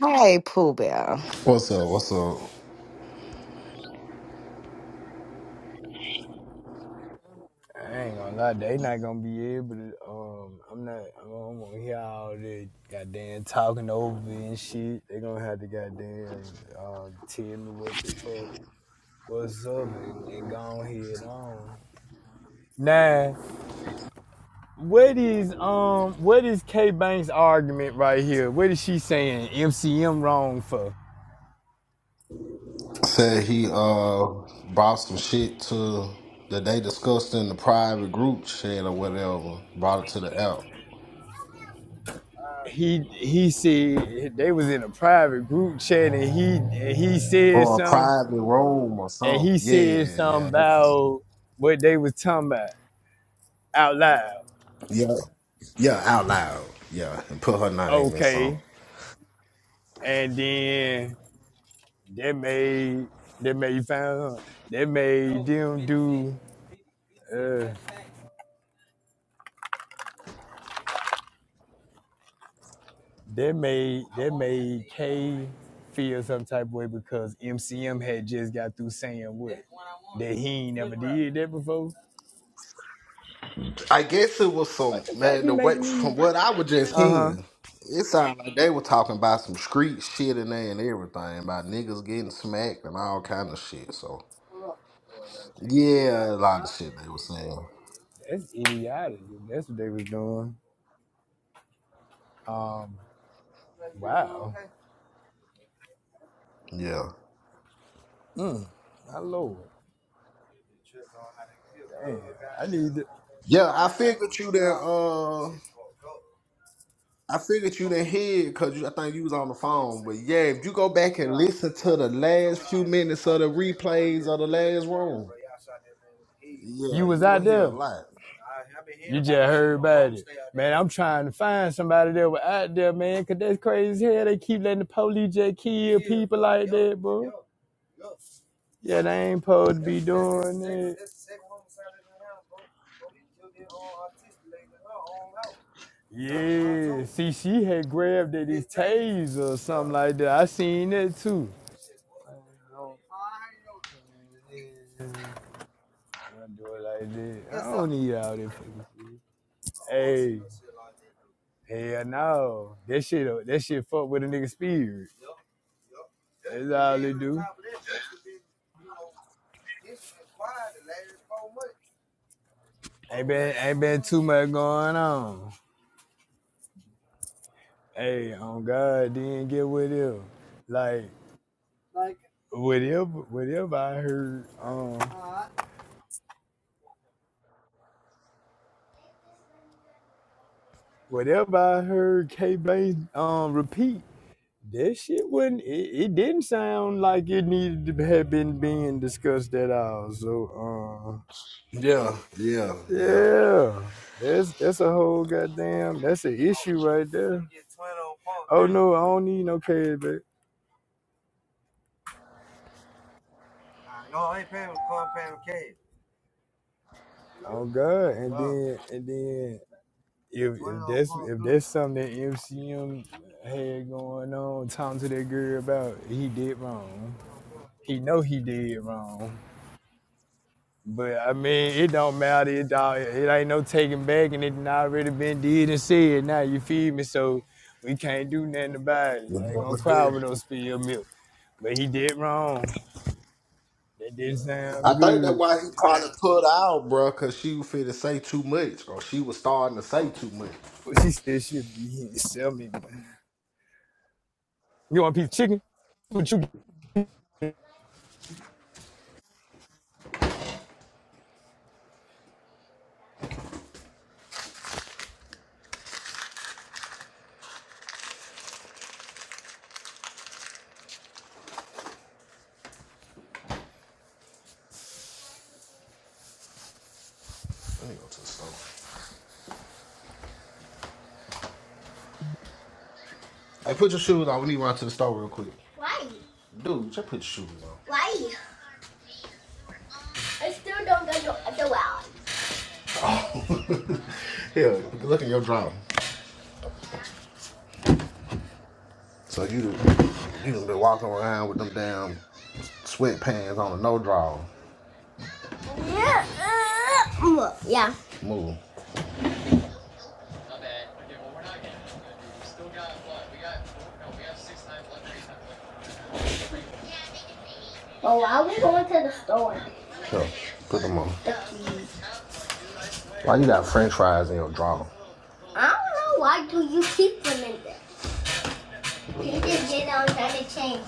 Hey, Pooh Bear. What's up? What's up? I ain't gonna lie, they not gonna be able to. Um, I'm not. I don't want to hear all the goddamn talking over and shit. They gonna have to goddamn uh, tell me what the fuck what's up and, and go head on. Now, what is um, what is K Banks' argument right here? What is she saying? MCM wrong for? Said he uh brought some shit to that they discussed in the private group chat or whatever. Brought it to the app He he said they was in a private group chat and he he said or a something private room or and something. he said Yeah, something yeah, about what they was talking about out loud. yeah, yeah. Out loud. Yeah, and put her name in some. Okay, and then that made that made found that made them do uh that made that made K feel some type of way because MCM had just got through saying what that he ain't never did that before. I guess it was some The fuck man. be The way making these? from what I was just Uh huh. hearing, it sounded like they were talking about some street shit in there and everything about niggas getting smacked and all kind of shit. So yeah, a lot of shit they were saying. That's idiotic. That's what they was doing. Um, wow. Yeah. Mm, my lord. Damn, I need to. Yeah, I figured you that uh I figured you didn't hear because I think you was on the phone. But yeah, if you go back and listen to the last few minutes of the replays of the last room, yeah, You was you'll out hear there. a lot. You just heard about it. Man, I'm trying to find somebody that was out there, man, 'cause that's crazy as hell. They keep letting the police just kill people like that, bro. Yeah, they ain't supposed to be doing that. Yeah, see, she had grabbed at his taser or something Yeah. like that. I seen that too. I do it like that. I don't need all that fucking shit. Hey, hell no. That shit, uh, that shit fuck with a nigga spirit. That's all it do. Ain't been, ain't been too much going on. Hey, on God, didn't get with him. Like, whatever, whatever I heard, um, whatever I heard K Bane um repeat, that shit wasn't it, it didn't sound like it needed to have been being discussed at all. So um. Yeah, yeah, yeah. Yeah, that's that's a whole goddamn that's an issue right there. Oh no, I don't need no cash, back. Oh God, and then and then if, if that's if that's something that MCM had going on, talking to that girl about, he did wrong. He know he did wrong. But I mean, it don't matter. It, don't, it ain't no taking back, and it done already been did and said. Now you feed me, so we can't do nothing about it. You I ain't know gonna what it cry is. with no spilled milk. But he did wrong. That didn't I sound think that's good. why he probably put out, bro, because she was finna say too much, or she was starting to say too much. But she said she'd be here and sell me. man. You want a piece of chicken? What you Let me go to the store. Hey, put your shoes on. We need to run to the store real quick. Why? Dude, just put your shoes on. Why? I still don't go to the well. Here, look at your drawing. So you you done been walking around with them damn sweatpants on a no draw. Yeah. Uh, Yeah. Move. Well, why are we going to the store? Here, put them on. The keys. Why you got French fries in your drawer? I don't know. Why do you keep them in there? You just get on trying to change.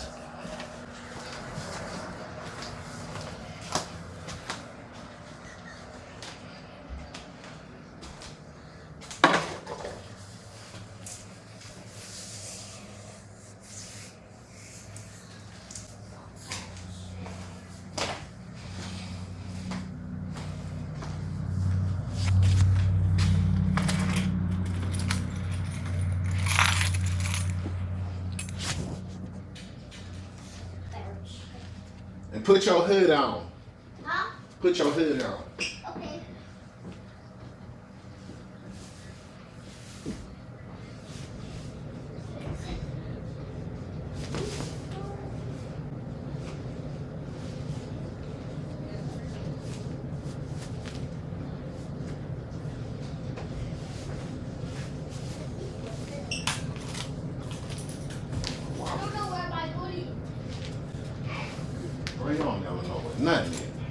And put your hood on. Huh? Put your hood on. Okay. I don't know where my hoodie, is. Well, you don't never know where nothing is.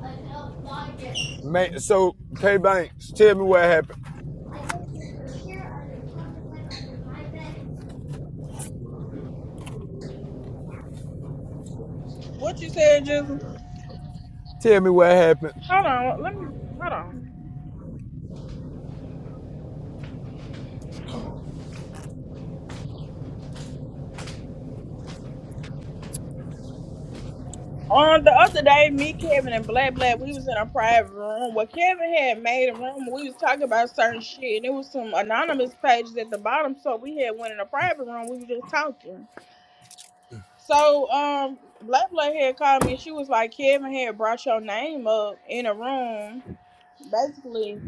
I don't like it. man? So K Banks, tell me what happened. I looked under here, under my bed. What you said, Jizzle? Tell me what happened. Hold on, let me hold on. On the other day, me, Kevin, and Black Black, we was in a private room. Well, Kevin had made a room. We was talking about certain shit, and it was some anonymous pages at the bottom. So we had went in a private room. We was just talking. So, um, Black Black had called me. She was like, Kevin had brought your name up in a room, basically.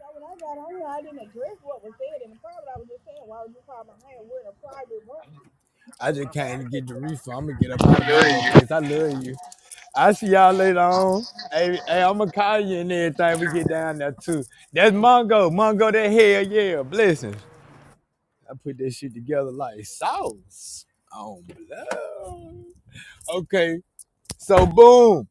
So when I got on here, I didn't address what was said in the private. I was just saying, why would you call my name? We're in a private room. I just can't get the refund. I'm gonna get up out of Mungo face. I love you. I see y'all later on. Hey, hey, I'ma call you and everything we get down there too. That's Mongo. Mongo that hell yeah. Blessings. I put that shit together like sauce on blood. Okay. So boom.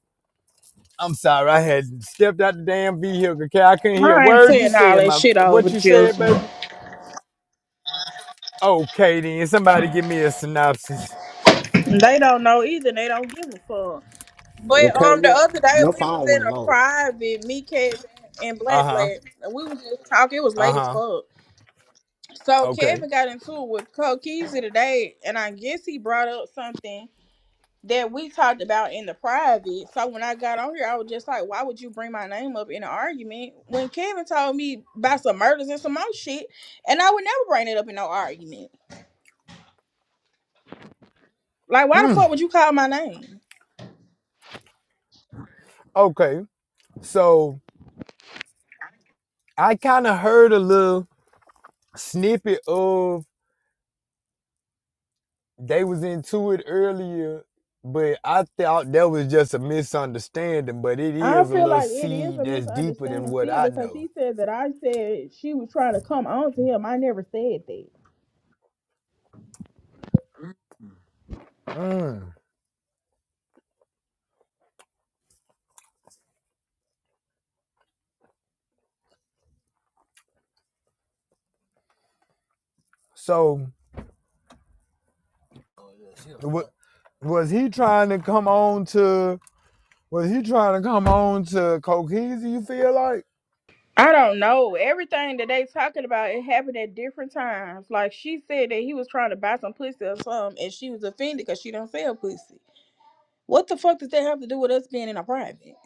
I'm sorry, I had stepped out the damn vehicle. Okay, I couldn't hear a I ain't word you saying all said, that my shit over what you said, Jizzle. baby. Okay then. Somebody give me a synopsis. They don't know either. They don't give a fuck. But Okay, um, the your other your day we was phone in went a low. private, me, Kevin, and Black Uh-huh. Black, and we was just talking. It was late as Uh-huh. fuck. So Okay. Kevin got into it with Kokeezy today, and I guess he brought up something that we talked about in the private. So when I got on here, I was just like, "Why would you bring my name up in an argument?" When Kevin told me about some murders and some more shit, and I would never bring it up in no argument. Like, why the Hmm. fuck would you call my name? Okay. So I kind of heard a little. snippet of they was into it earlier, but I thought that was just a misunderstanding. But it I is a feel little like it is seed a that's deeper than misunderstanding what still I because know. he said that I said she was trying to come on to him. I never said that. Mm. So, what was he trying to come on to? Was he trying to come on to Cokeezy? You feel like? I don't know. Everything that they talking about, it happened at different times. Like she said that he was trying to buy some pussy or something, and she was offended because she don't sell pussy. What the fuck does that have to do with us being in a private?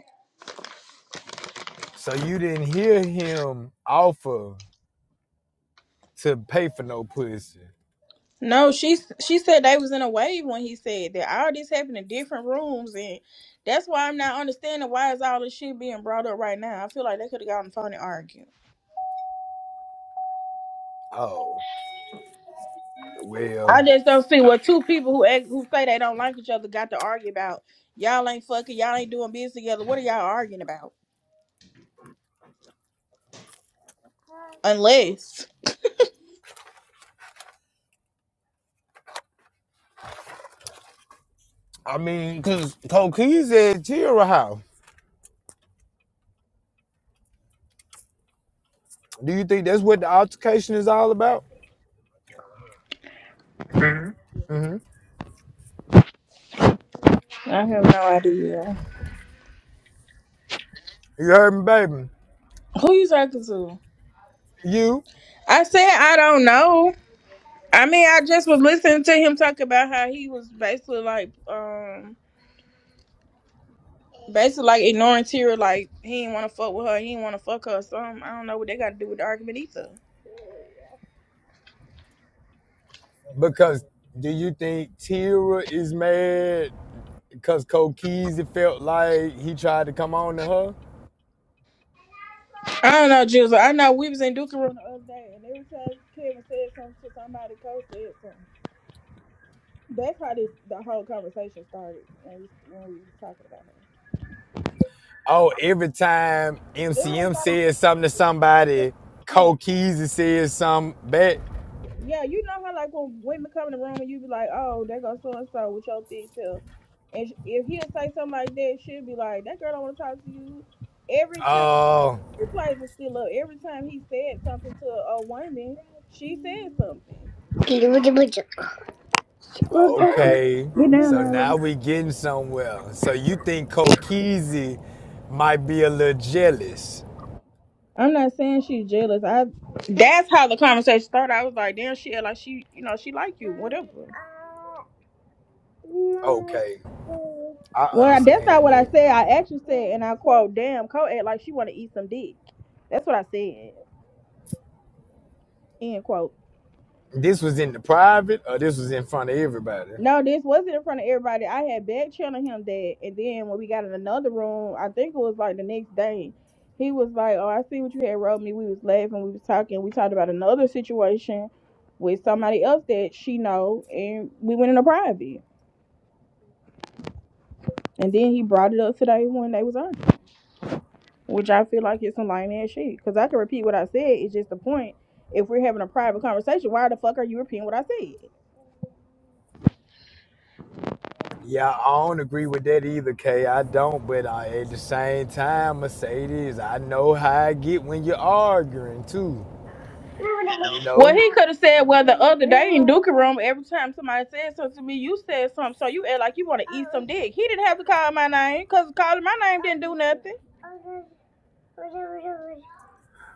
So you didn't hear him offer to pay for no pussy? No, she she said they was in a wave when he said that all this happened in different rooms, and that's why I'm not understanding why is all this shit being brought up right now. I feel like they could have gotten phone and argued. Oh well, I just don't see what two people who act, who say they don't like each other got to argue about. Y'all ain't fucking. Y'all ain't doing business together. What are y'all arguing about? Unless I mean, cause Cokeezy at Chill House. Do you think that's what the altercation is all about? hmm I have no idea. You heard me, baby. Who you talking to? You, I said I don't know. I mean, I just was listening to him talk about how he was basically like, um. basically like ignoring Tira, like he didn't want to fuck with her, he didn't want to fuck her. So I don't know what they got to do with the argument either. because do you think Tira is mad because Kokeezy felt like he tried to come on to her? I don't know, Jizzle. I know we was in Duke Room the other day, and every time Kevin said something to somebody, Coach said something. That's how this the whole conversation started when we, when we was talking about her. Oh, every time It was MCM like, says something to somebody, yeah, Kokeezy says something back. yeah, you know how like when women come in the room and you be like, oh, they go so and so with your thick self, and sh- if he'll say something like that, she'll be like, that girl don't want to talk to you. Every time. Oh, replays are still up. Every time he said something to a woman, she said something. Get okay. down, So now Nala. we getting somewhere. So you think Kokeezy might be a little jealous? I'm not saying she's jealous. I that's how the conversation started. I was like, damn, she act like she, you know, she like you, whatever. Okay, I Well, that's not understand what I that. said. I actually said, and I quote, damn, Cole act like she want to eat some dick. That's what I said. End quote. This was in the private, or this was in front of everybody. No, this wasn't in front of everybody. I had back channeling him that, and then when we got in another room, I think it was like the next day, he was like, "Oh, I see what you had wrote me." We was laughing, we was talking, we talked about another situation with somebody else that she know, and we went in a private. And then he brought it up today when they was on, which I feel like it's some lame ass shit. Cause I can repeat what I said. It's just the point. If we're having a private conversation, why the fuck are you repeating what I said? Yeah, I don't agree with that either, Kay. I don't, but I, at the same time, Mercedes, I know how I get when you're arguing too. You Well, know. he could have said, well, the other day in Duke Room, every time somebody said something to me, you said something, so you act like you want to eat some dick. He didn't have to call my name, because calling my name didn't do nothing.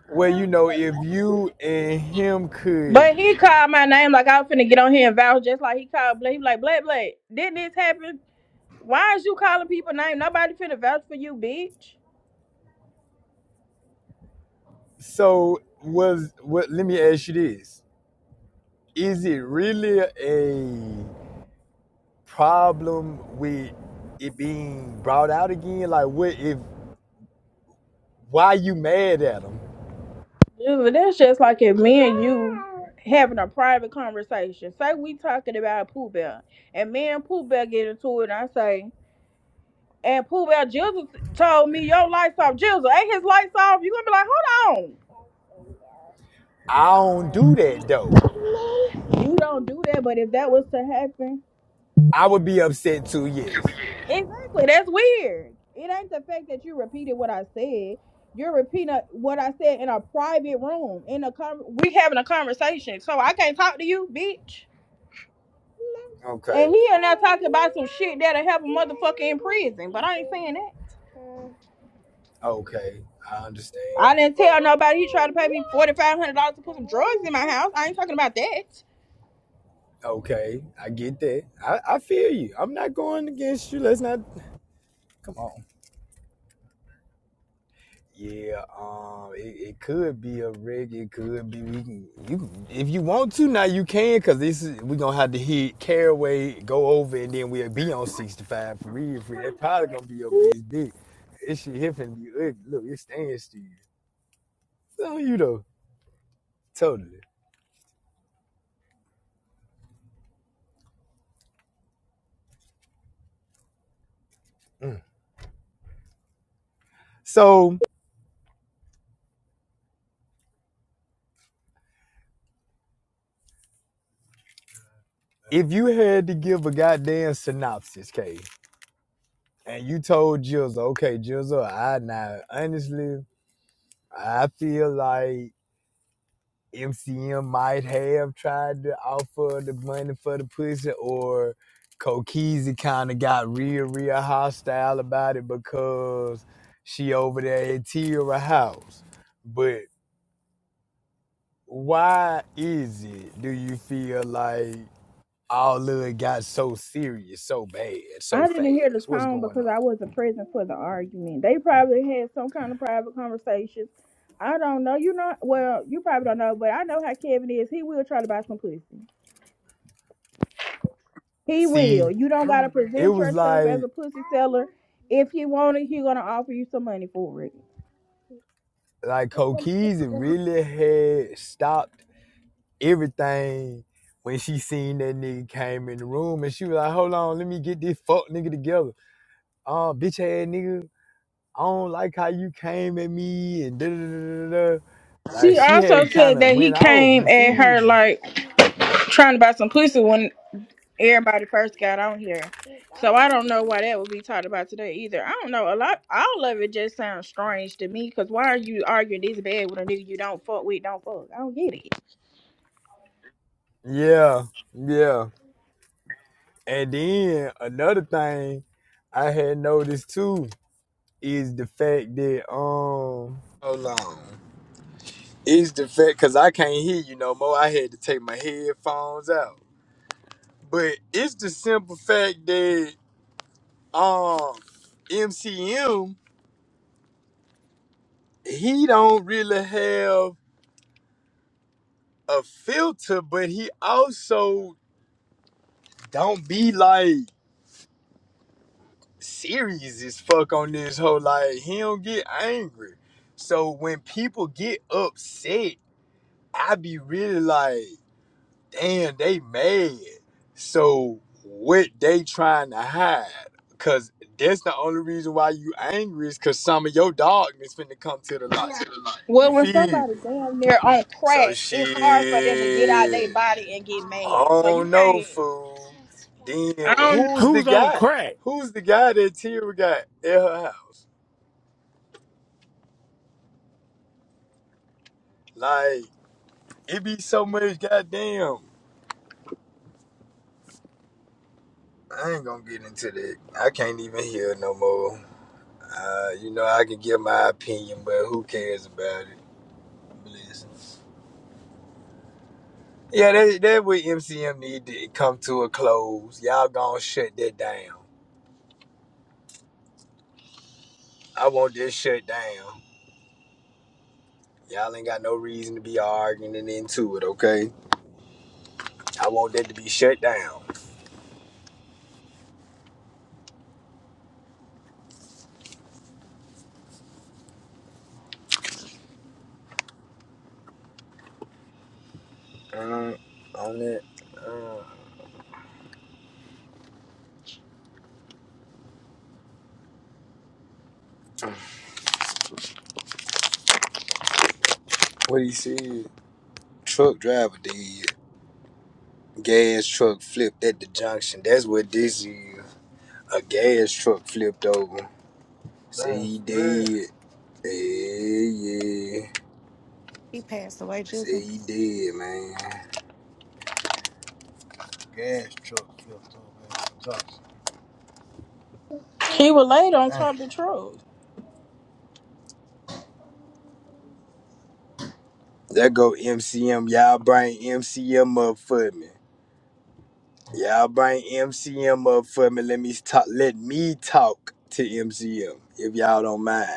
Well, you know, if you and him could, But he called my name like I was finna get on here and vouch just like he called Blake. He like, Blake, Blake, didn't this happen? Why is you calling people name? Nobody finna vouch for you, bitch. so was what? Let me ask you this: Is it really a problem with it being brought out again? Like, what if? Why you mad at him? Yeah, but that's just like if me and you having a private conversation. Say we talking about Pooh Bear, and me and Pooh Bear get into it, and I say, and Pooh Bear Jizzle told me your lights off. Jizzle, ain't his lights off? You gonna be like, hold I don't on. do that though. You don't do that, but if that was to happen, I would be upset too, yes. exactly, that's weird. It ain't the fact that you repeated what I said. You're repeating what I said in a private room, in a con- we having a conversation. So I can't talk to you, bitch. Okay. And he and I talking about some shit that'll have a motherfucker in prison, but I ain't saying that. Okay. I understand. I didn't tell nobody he tried to pay me forty five hundred dollars to put some drugs in my house. I ain't talking about that. Okay. I get that. I, I feel you. I'm not going against you. Let's not come on. Yeah, um, it, it could be a rig. It could be we can you if you want to now you can because this is we gonna have to hit Caraway go over and then we'll be on sixty five for real. For real. That probably gonna be your biggest dick. This shit here finna be ugly. Look, it's staying still. It's on you though, totally. Mm. So if you had to give a goddamn synopsis, K, and you told Jizzle, okay, Jizzle, I now honestly, I feel like MCM might have tried to offer the money for the pussy, or Kokizi kind of got real, real hostile about it because she over there at Tierra house. But why is it? Do you feel like? all of it got so serious, so bad, so I didn't hear the fast. What's tone going because I on? wasn't present for the argument. They probably had some kind of private conversations. I don't know. You know, well, you probably don't know, but I know how Kevin is. He will try to buy some pussy. He See, will. You don't gotta it present was yourself as like a pussy seller. If he want it, he gonna offer you some money for it. like Cokeys, it really had stopped everything when she seen that nigga came in the room and she was like, Hold on, let me get this fuck nigga together. Uh bitch ass nigga, I don't like how you came at me and da da da da da. Like She she also had said kinda that he went off, came you at feel her me? like trying to buy some pussy when everybody first got on here. So I don't know why that would be talked about today either. I don't know. A lot, all of it just sounds strange to me. Cause why are you arguing this bad with a nigga you don't fuck with? Don't fuck. I don't get it. Yeah, yeah. And then another thing I had noticed too is the fact that um hold on is the fact because I can't hear you no more. I had to take my headphones out, but it's the simple fact that um MCM he don't really have a filter, but he also don't be like. serious as fuck on this whole like he don't get angry. So when people get upset, I be really like, damn, they mad. So what they trying to hide? Cause that's the only reason why you angry is cause some of your darkness finna come to the light. You Well, when feel somebody me? down there on So crack, it's hard for them to get out their shit. body and get I mad. So you don't know, can't. fool. Then I don't. who's the Who's on guy? crack? Who's the guy that Tira got at her house? Like, it be so much goddamn. I ain't gonna get into that. I can't even hear no more. Uh, you know, I can give my opinion, but who cares about it? Blessings. Yeah, that, that what MCM need to come to a close. Y'all gonna shut that down. I want this shut down. Y'all ain't got no reason to be arguing and into it, okay? I want that to be shut down. Uh, on that, uh, what he said, truck driver did. Gas truck flipped at the junction. That's what this is. A gas truck flipped over. See he dead. Yeah, yeah. He passed away, Say Jizzle. he dead, man. He was laid on top of the truck. There go MCM. Y'all bring MCM up for me. Y'all bring MCM up for me. Let me talk. Let me talk to MCM if y'all don't mind.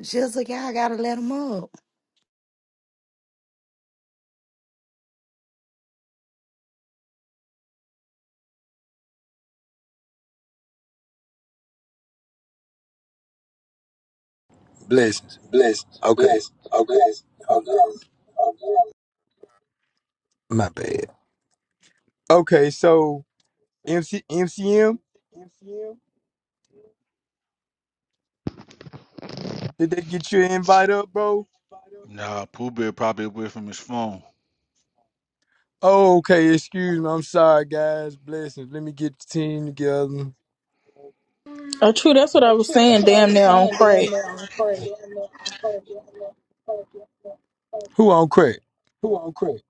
Jizzle, y'all gotta let him up. Blessings. Blessings. Okay. Blessings. Okay. Okay. Okay. My bad. Okay, so MC MCM. Did they get your invite up, bro? Nah, Pooh Bear probably away from his phone. Oh, okay. Excuse me. I'm sorry, guys. Blessings. Let me get the team together. Oh, true. That's what I was saying. Damn near on crack. Who on crack? Who on crack?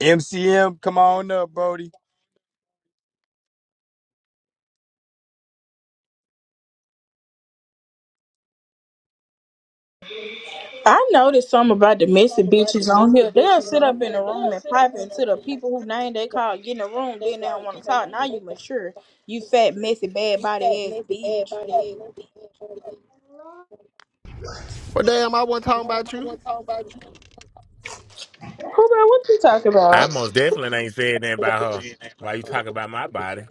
MCM, come on up, Brody. I noticed something about the messy bitches on here. They'll sit up in the room and pipe into the people who name they call get in the room, then they don't want to talk. Now you mature. You fat, messy, bad body ass bitch. Well, damn, I wasn't talking about you. Who bro, what you talking I about? most definitely ain't said nothing about her. Why you talking about my body?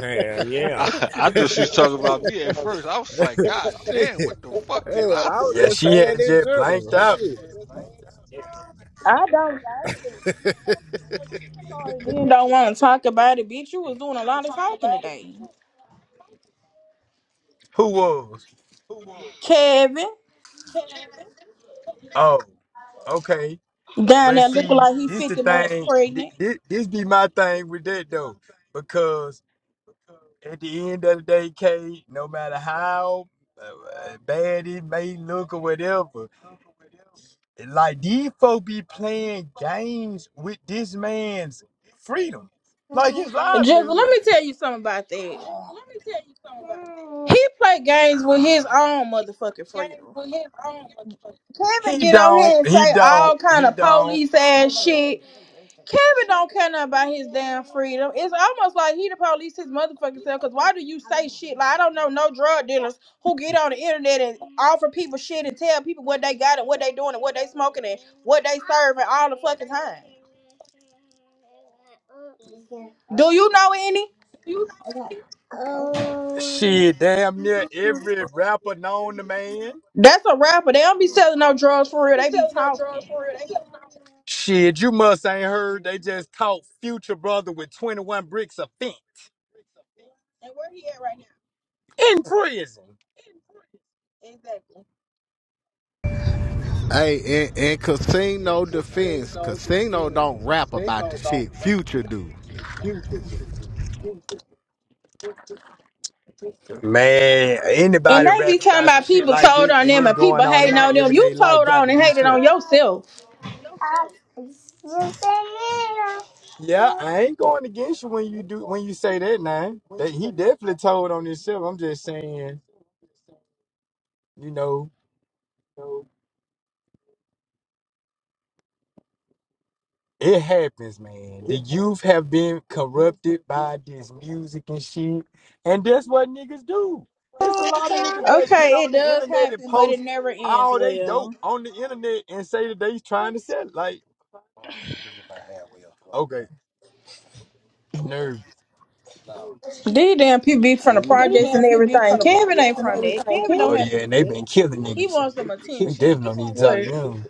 Hell yeah. I, I just was talking about me at first. I was like, God Shit. damn, what the fuck did Hell, I I was say? Yeah, just she saying had in just general. blanked out. Shit. I don't like it. Sorry, Then don't want to talk about it, bitch. You was doing a lot of talking today. Who was? Kevin, Oh, okay. down But there looking see, like he this the 50 months thing. thi- pregnant. thi- This be my thing with that though, because at the end of the day, K, no matter how uh, bad it may look or whatever, Like these folk be playing games with this man's freedom, like his And Just livelihood. let me tell you something about that. He play games with his own motherfucking freedom. Kevin He get on don't, here and he say don't, all kind he of don't. police ass shit. Kevin don't care nothing about his damn freedom. It's almost like he the police his motherfucking self. Cause why do you say shit? Like I don't know no drug dealers who get on the internet and offer people shit and tell people what they got and what they doing and what they smoking and what they serving all the fucking time. Do you know any? Shit, damn near every rapper known to man. That's a rapper. They don't be selling no drugs for real. They be talking. Shit, you must ain't heard they just caught Future Brother with 21 bricks of fence in prison. Hey, in, in casino defense, casino don't rap about the shit. Future do. Man, And anybody they be rapping talking about some about shit people like told that on and them it's and going people on in hating my on them. You everyday life told got on to and be hated slow. on yourself. Yeah, I ain't going against you when you do when you say that name. That he definitely told on himself. I'm just saying, you know, it happens, man. The youth have been corrupted by this music and shit. And that's what niggas do. It's a lot of niggas that get Okay, on it the does internet and happen, but it post never ends all they dope well. on the internet and say that they trying to sell it. Like Okay, nerd. These damn people be from the projects and everything. Kevin ain't from that. Oh Kevin don't have yeah, to do and they that. been killing He niggas. wants some You attention. definitely need to talk to What? them.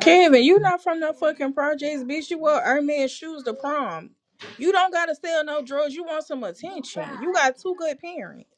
Kevin, you not from no fucking projects, bitch. You wear Hermes shoes to prom. You don't gotta sell no drugs. You want some attention. You got two good parents.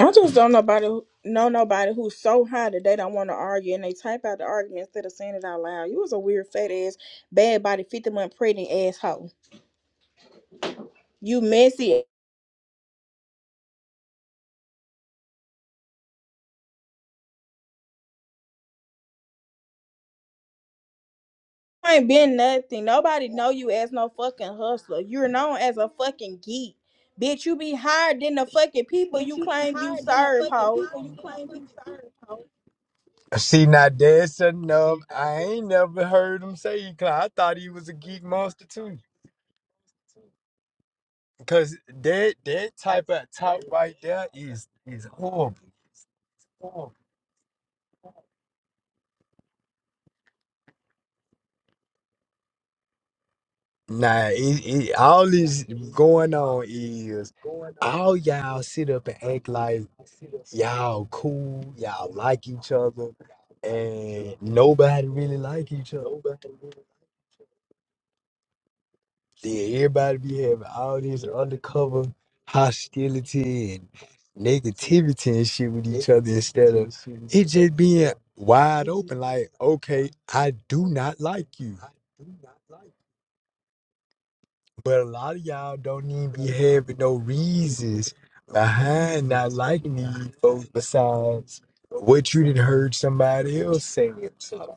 I just don't nobody who- know nobody who's so high that they don't want to argue and they type out the argument instead of saying it out loud. You was a weird fat ass, bad body, fifty month pregnant asshole. You messy ain't been nothing. Nobody know you as no fucking hustler. You're known as a fucking geek. Bitch, you be higher than the fucking people you claim you serve, ho. See, now that's enough. I ain't never heard him say he clown. I thought he was a geek monster too. Cause that that type of talk right there is is horrible. Nah, it, it, all this going on is all y'all sit up and act like y'all cool, y'all like each other, and nobody really like each other. Yeah, everybody be having all this undercover hostility and negativity and shit with each other instead of it just being wide open. Like, okay, I do not like you, but a lot of y'all don't even be having no reasons behind not liking these folks besides what you did heard somebody else saying. So,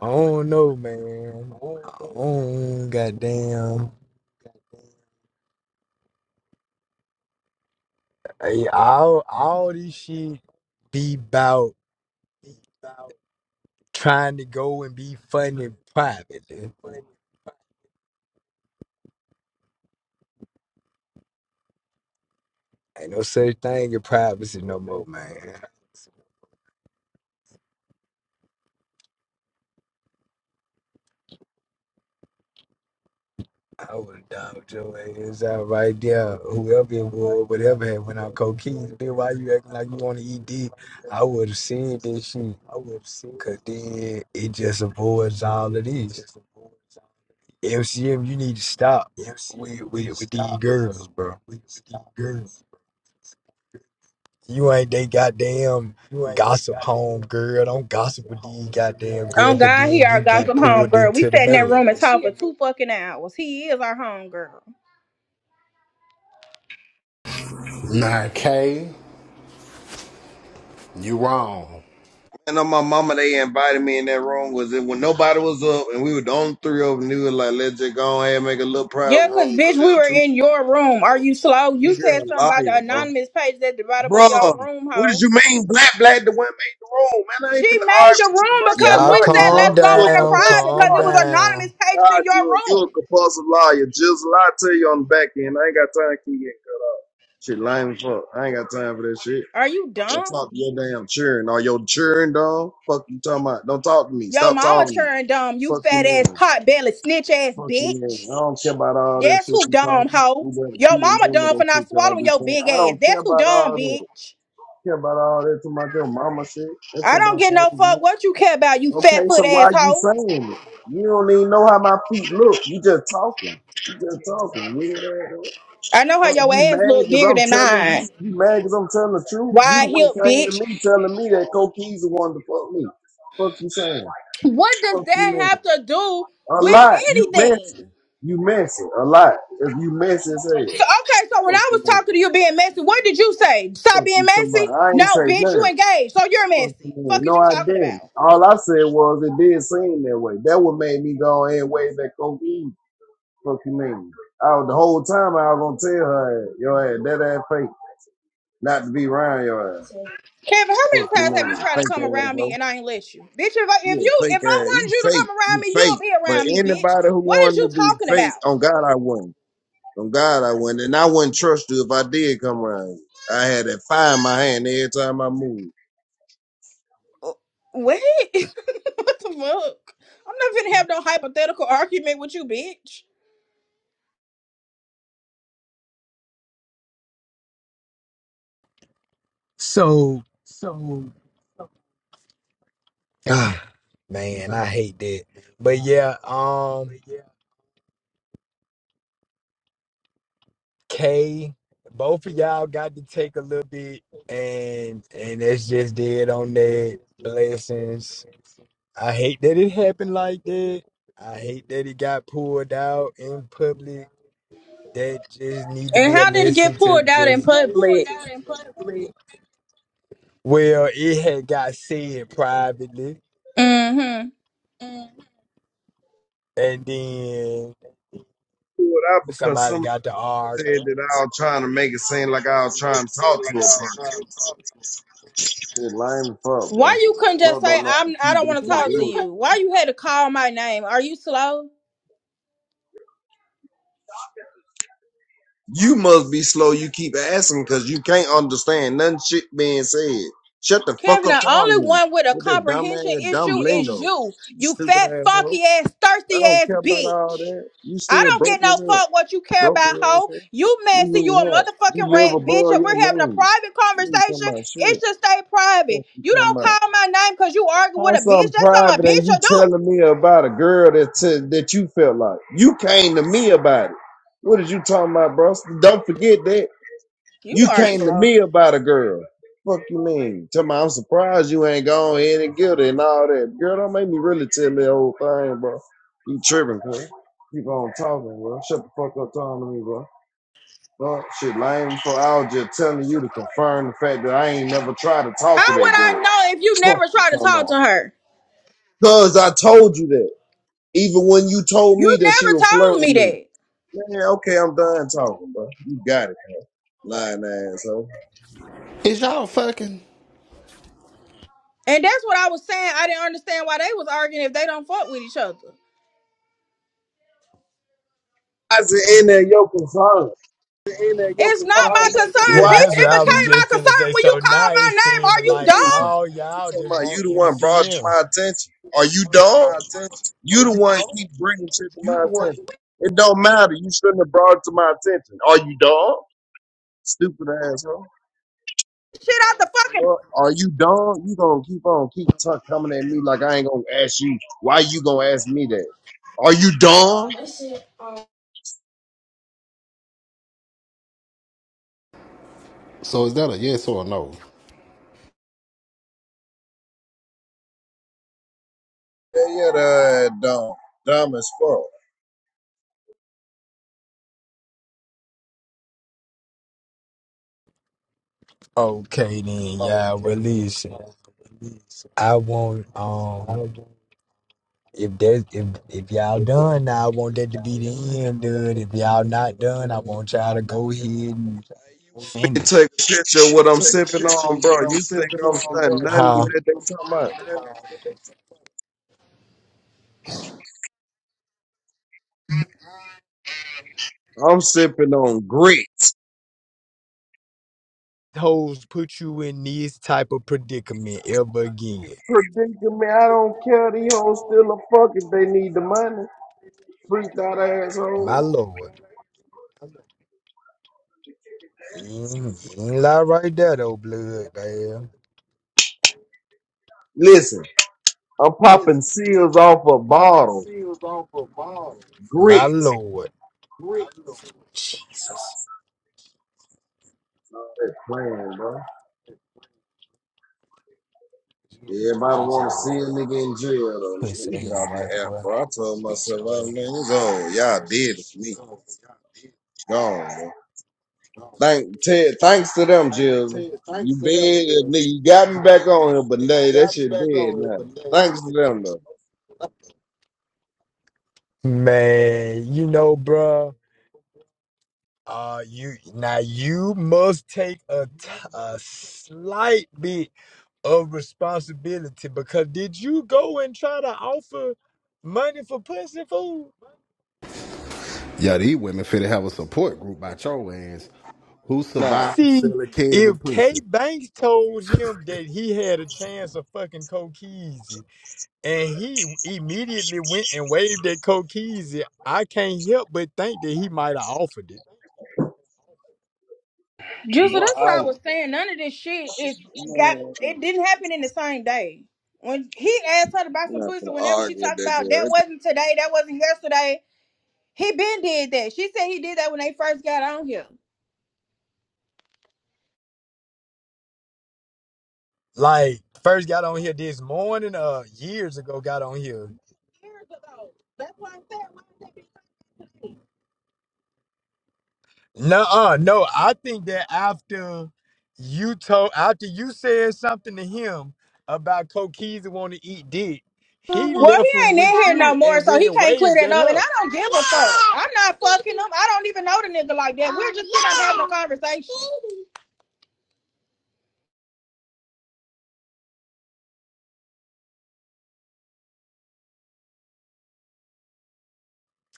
I don't know, man. I don't goddamn. Hey, all all this shit be about trying to go and be funny privately. Ain't no such thing as privacy no more, man. I would dog your ass out right there. Whoever it was, whatever had went out cocaine, then why you acting like you want to eat dick? I would have said this shit. I would have said. Cause then it just avoids all of this. MCM, you need to stop with, with, with these girls, bro. You ain't they goddamn gossip home girl. Don't gossip with these goddamn girl, Oh cause God, he then our you get gossip home pulled girl. We into the sat in that bed. room and talked for two fucking hours. He is our home girl. Nah, K, you wrong. And on my mama, they invited me in that room. Was it when nobody was up and we were the only three of them? They was like, let's just go ahead and make a little private Yeah, cause room bitch, because it we was were too many. in your room. Are you slow? You You're said a something about the liar, bro. anonymous page at the bottom of Bro, your room, what did ho. you mean? Black, black, the one made the room. Man, I ain't She finna made the argue with you, bro. room You a because Y'all we liar, said bro. calm let's You go a in the down, compulsive private calm because it was liar. down. anonymous pages God, in your you, you room. a compulsive liar. Just lie to you on the back end. I ain't got time to keep getting cut off. Shit, lame as fuck. I ain't got time for that shit. Are you Don't dumb? talk to your damn children Are your children, dog. Fuck you talking about. Don't talk to me. Yo, Stop mama talking to me. churned dumb, you Fuck your fat ass man. pot belly snitch ass Fuck your man. bitch. I don't care about all that That's shit who you dumb talking. You hoe. better Yo, keep mama remembering dumb that for shit not y'all swallowing be your saying. big I ass. don't care That's who about dumb all that. bitch. I care about all that to my your mama shit. That I shit don't don't get no change me. fuck what you care about, you Okay, fat so foot why ass you hoe. saying it? You don't even know how my feet look. You just talking. You just talking. You know? I know how Well, your you ass mad look because bigger I'm than telling you? mine. You mad because I'm telling the truth? You the Wide one hip came to bitch. me telling me that Coquise the one to fuck me. Fuck you saying? What does Fuck you that man. have to do A with lot. You messing. anything? You messing. A lot. If you messing, say it. So okay, so when Fuck I you was man. talking to you being messy, what did you say? Stop Fuck being you come on. messy? I ain't No, say bitch, you nothing. engaged, so you're Fuck you messy. man. Fuck is No, you I talking about? didn't. All I said was it did seem that way. That what made me go ahead and wave that Coquise. Fuck you man. I, was- the whole time I was gonna tell her, yo, ass, that ass fake, not to be around your ass. Kevin, how many Fuck times you, have you man. tried to Fake come ass, around bro. me and I ain't let you? Bitch, if I You if a you fake if I ass. You wanted you to come fake. around You me, you'll fake. be But around me, bitch. anybody who What is wanted to you be talking fake, about? on God, I wouldn't. On God, I wouldn't. And I wouldn't trust you if I did come around you. I had that fire in my hand every time I moved. Uh, What? what the fuck? I'm not gonna have no hypothetical argument with you, bitch. Ah, man, I hate that. But yeah, um, K, both of y'all got to take a little bit, and and that's just dead on that. Blessings. I hate that it happened like that. I hate that it got pulled out in public. That just need to And be a how did it get lesson to pulled out in just. Get pulled public? out in public. Well, it had got said privately, Mm-hmm. and then Do it out because Somebody somebody got to said argue. that I was trying to make it seem like I was trying to talk to a person. Shit, lame as fuck, Why bro. you couldn't just Fuck say don't know how to I'm I keep don't this want to shit talk to real, you? bro. Why you had to call my name? Are you slow? You must be slow. You keep asking because you can't understand none shit being said. Shut the fuck Kevin, up the on only me one with a with that dumb comprehension ass, dumb issue lingo. is you. You You stupid fat, asshole. funky ass, I thirsty don't ass care about all bitch. that. You I still don't broke get no as hell. fuck what you care Broken about, hoe. asshole. You You messy, you need a help. You motherfucking live rat, bitch. above If your we're having a means. private You ain't talking conversation, about it shit. should stay private. What you You talking don't about? call my name because you arguing with a How's bitch. something That's how my private and bitch you will do. telling me about a girl that t- that you felt like? You came to me about it. What are you talking about, bro? Don't forget that. You You are came to slow. me about a girl. Fuck you mean? Tell me I'm surprised you ain't gone in and guilty and all that. Girl, don't make me really tell the whole thing, bro. You tripping, cuz. Keep on talking, bro. Shut the fuck up talking to me, bro. Bro, shit lame for I was just telling you to confirm the fact that I ain't never tried to How talk to would that I girl. know if you Fuck never you tried to talking talk about. to her? Cuz I told you that. Even when you told You me that she never would flirt told with me me. that. Man, okay, I'm done talking, bro. You got it, lying asshole. Is y'all fucking? And that's what I was saying. I didn't understand why they was arguing if they don't fuck with each other. I said, in there, your concern. It's fuck not my you Do Yeah, concern, I bitch. that's what It I ask was became you? my just finna concern say. when you So now called it my name. seeming Are you like Mm, dumb? all What you y'all talking just about? You want the one brought it to MCM. my attention. Are you dumb? You the one keep bringing shit to my attention. It don't matter. You shouldn't have brought it to my attention. Are you dumb? Stupid asshole. Shit out the fucking Well, are you dumb? You gonna keep on keep t- coming at me like I ain't gonna ask you. Why you gonna ask me that? Are you dumb? So is that a yes or a no? Yeah, yeah, that dumb, dumb as fuck. Okay then, y'all. Well, listen, I want um, if that if if y'all done, now, I want that to be the end of it. If y'all not done, I want y'all to go ahead and Hey, you want me to take finish. a picture of what I'm sipping on, bro? You think I'm studying nothing with Huh? that they talking about? I'm sipping on grits. hoes put you in this type of predicament ever again. Predicting me, I don't care. These hoes still a fuck if they need the money. Freaked out My asshole. lord. You ain't, you ain't lie right there though, blood, man. Listen, I'm popping seals off a bottle. My Grits. lord. Stop that playing, bro. Everybody Bitch want to see ass. a nigga in jail, though. let Pussy me get ass out white the app, boy. bro. I told Bitch myself, your oh, ass. man, it's on. Y'all did it for me. Gone, bro. Thank, Ted, thanks to them, Jill. You bad, nigga. You got me back on here, but nay, that shit dead now. Thanks to them, though. Man, you know, bruh. Uh, you now you must take a, t- a slight bit of responsibility because did you go and try to offer money for pussy food? Yeah, these women finna have a support group about your ass. Who Nah. survived See, selling Kevin if K Princeton? Banks told him that he had a chance of fucking Kokeezy, and he immediately went and waved at Kokeezy, I can't help but think that he might have offered it. Juicer, that's what I Wow! was saying. None of this shit is got. man, It didn't happen in the same day. When he asked her to buy I'm some not pussy, gonna whenever she argue with talked that about girl. that That wasn't today, that wasn't yesterday. He been did that. She said he did that when they first got on here. Like first got on here this morning, uh, years ago got on here. No, uh, no, I think that after you told, after you said something to him about Kokeezy want to eat dick, Well, he left he him ain't in with here you no more, and so went he and can't clear waved that at up. And her. I don't give a fuck. I'm not fucking him. I don't even know the nigga like that. We're just sitting up having a conversation.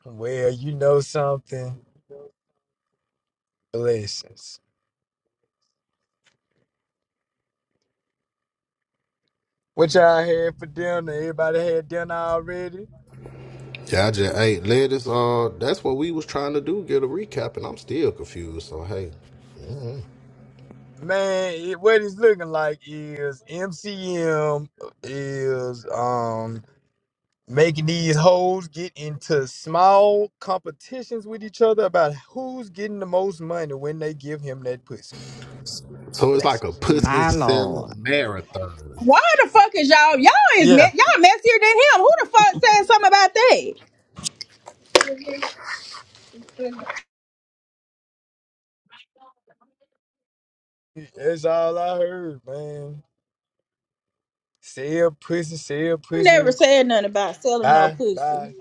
Well, you know something? Blessings. What y'all had for dinner? Everybody had dinner already? Yeah, I just hey, let us uh that's what we was trying to do, get a recap, and I'm still confused. So hey. Man, it, what it's looking like is MCM is um making these hoes get into small competitions with each other about who's getting the most money when they give him that pussy. So it's like a Blessings. pussy My selling Lord. marathon. Why the fuck is y'all? Y'all is Yeah, me- y'all messier than him. Who the fuck said something about that? that's all I heard, man. Sell pussy, sell I never pussy. said nothing about selling no Bye, pussy. bye.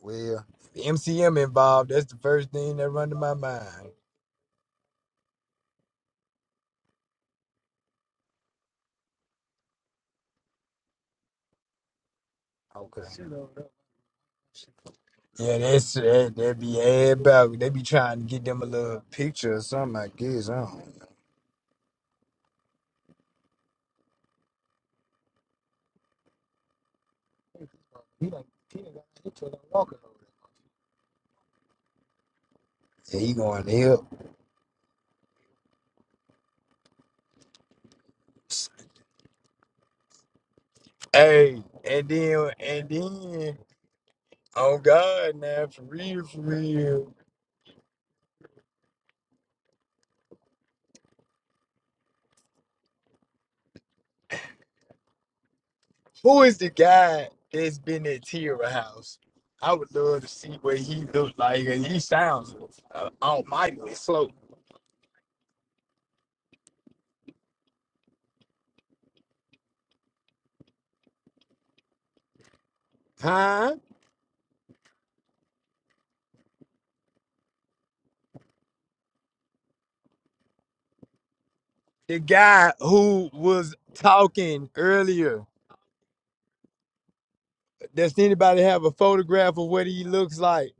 Well, the MCM involved, that's the first thing that run to my mind. Okay. Yeah, that's that that be about. They be trying to get them a little picture or something, I guess. I don't know. Yeah, he going to help. Hey, and then and then oh God now for real, for real. Who is the guy that's been at Tierra House? I would love to see what he looked like and he sounds uh, almighty slow. Huh? the guy who was talking earlier. Does anybody have a photograph of what he looks like?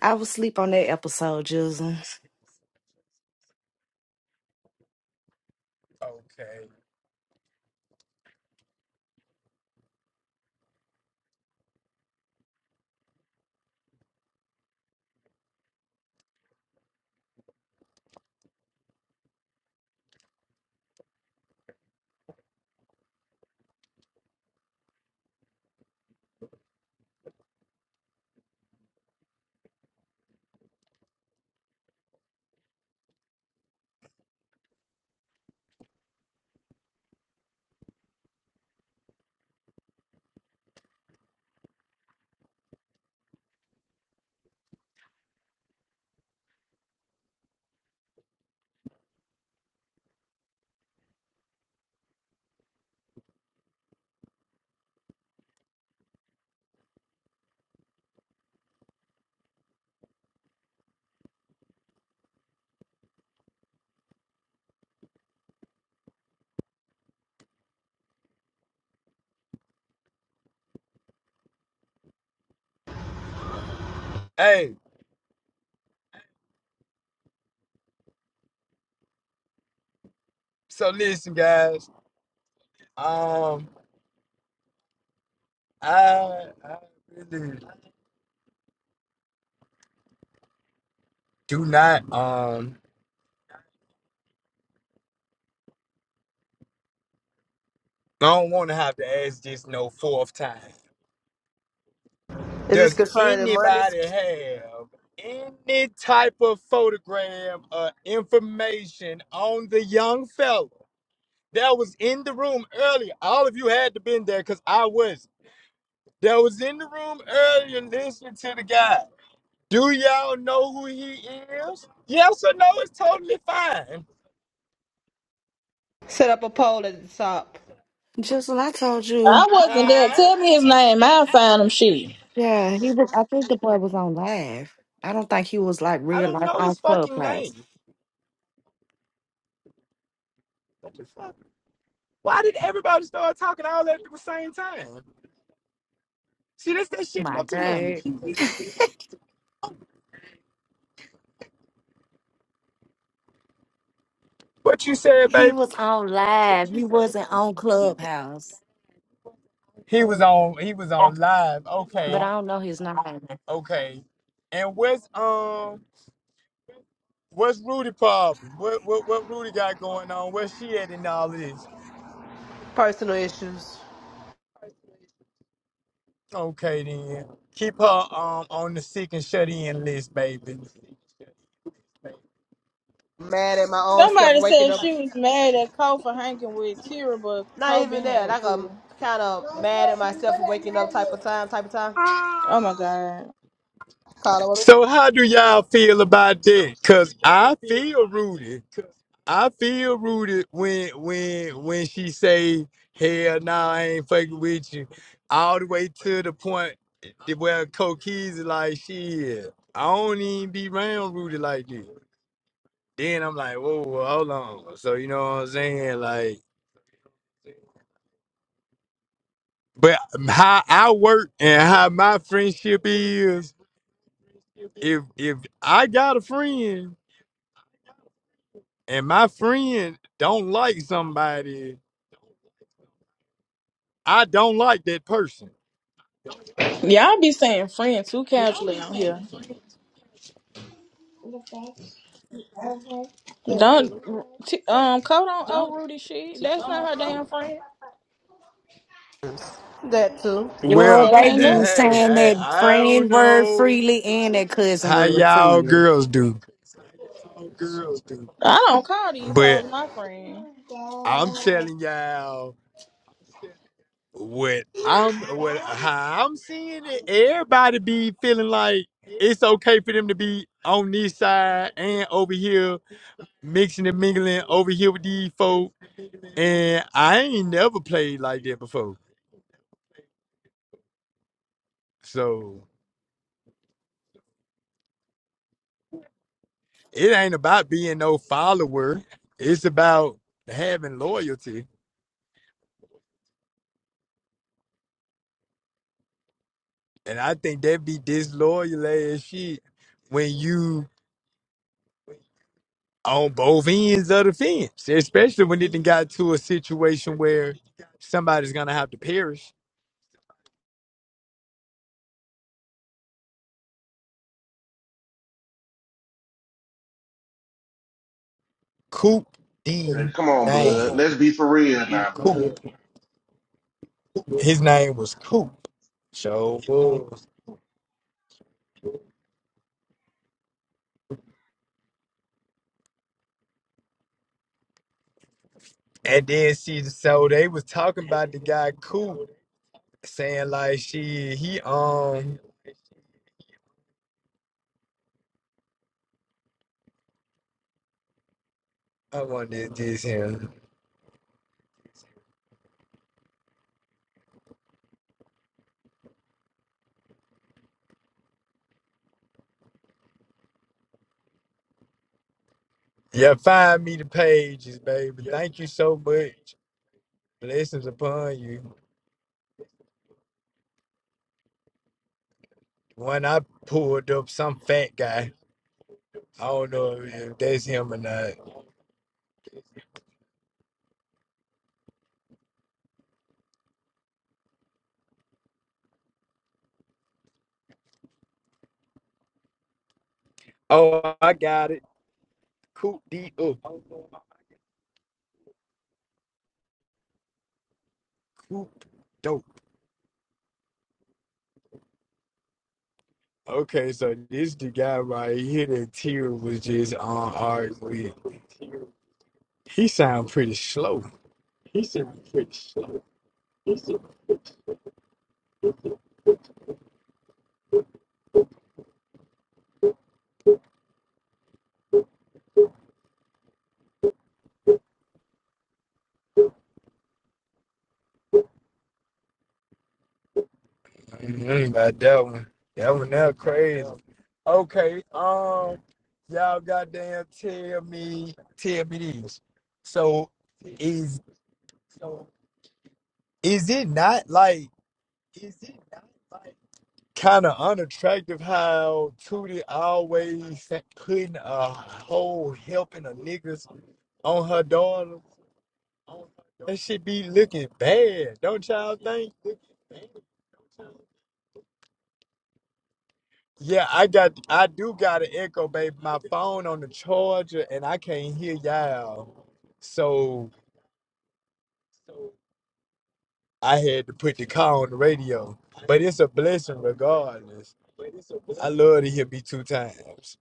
I was sleep on that episode, Jizzle. Okay. Hey, so listen, guys. Um, I I really do not um I don't want to have to ask this no fourth time. Is this Does concerning money? anybody have any type of photograph or information on the young fella that was in the room earlier? All of you had to been there because I was. not that was in the room earlier listening to the guy. Do y'all know who he is? Yes or no is totally fine. Set up a poll at the top. Jizzle, I told you. I wasn't there. Huh? Tell me his name. I'll find him. She. Yeah, he was. I think the boy was on live. I don't think he was like I real don't life know on his fucking Clubhouse. name. What the fuck? Why did everybody start talking all at the same time? See, this that shit My up to me. God. What you said, He baby? was on What live. you He said, wasn't baby? on Clubhouse. He was on. He was on live. But Okay, I don't know his name. okay. And what's um, what's Rudy problem? What what what Rudy got going on? Where's she at in all of this? Personal issues. Okay then. Keep her um on the seek and shut in list, baby. Mad at my own self Somebody waking said up. she was mad at Cole for hanging with Tira, but Not Cole even been hanging that. with Like a Tira. kind of mad at myself for waking up type of time, type of time. Oh my god. Call So how do y'all feel about that? Cause I feel rooted. I feel rooted when when when she say, Hell nah, I ain't fucking with you. All the way to the point that where Coke Keys is like, shit, I don't even be round rooted like this. Then I'm like, whoa, whoa, hold on. So you know what I'm saying? Like But how I work and how my friendship is, if if I got a friend and my friend don't like somebody, I don't like that person. Y'all be saying friend too casually on here. Don't t- um Cole don't owe Rudy shit. That's not her damn friend. it that too. Yo, They Well, they ain't be hey, nothing. saying hey, that I don't friend word know freely and that cousin how word y'all freely. girls do, I don't call these but hoes my friend. I'm telling y'all what I'm what how I'm seeing it. Everybody be feeling like it's okay for them to be on this side and over here mixing and mingling over here with these folk, and I ain't never played like that before. So it ain't about being no follower. It's about having loyalty, and I think that be disloyal as shit when you on both ends of the fence, especially when it done got to a situation where somebody's gonna have to perish. Coop Hey, D Come on, blood. name, Let's be for real now, blood. Coop. His name was Coop. So. And then she so they was talking about the guy Coop saying like she he um I want is this him. Yeah, find me the pages, baby. Thank you so much. Blessings upon you. When I pulled up some fat guy. I don't know if if that's him or not. Oh, I got it. Coop D up. Coop dope. Okay, so this the guy right here that Tira was just on art with. He sound pretty slow. He sound pretty slow. You ain't about that one. That one there crazy. Okay, um, y'all goddamn tell me, tell me this. So is is it not like is it not like kind of unattractive how Tootie always sa- putting a whole helping of niggas on her daughter? That shit be looking bad, don't y'all think? Yeah, I got I do got an echo, babe. My phone on the charger and I can't hear y'all. So I had to put the car on the radio. But it's a blessing regardless. I love to hear me two times.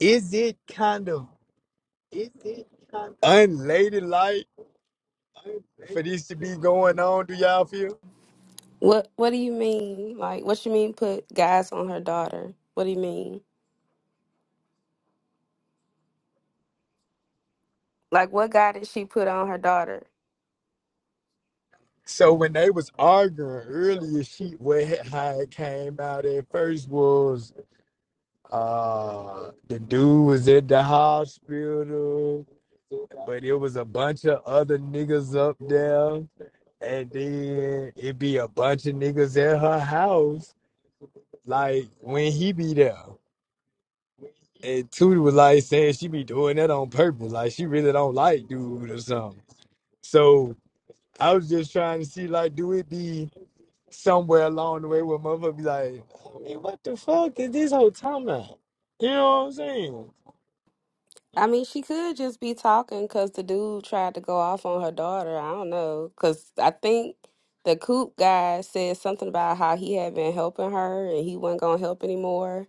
Is it kind of is it kind of unladylike for this to be going on, do y'all feel? What What do you mean? Like, what you mean? Put guys on her daughter? What do you mean? Like, what guy did she put on her daughter? So when they was arguing earlier, she what how it came out at first was Uh, the dude was at the hospital, but it was a bunch of other niggas up there, and then it be a bunch of niggas at her house, like when he be there. And Tootie was like saying she be doing that on purpose, like she really don't like dude or something. So I was just trying to see, like, do it be somewhere along the way where motherfucker be like, I mean, what the fuck is this whole time about? You know what I'm saying? I mean, she could just be talking because the dude tried to go off on her daughter. I don't know because I think the coop guy said something about how he had been helping her and he wasn't gonna help anymore.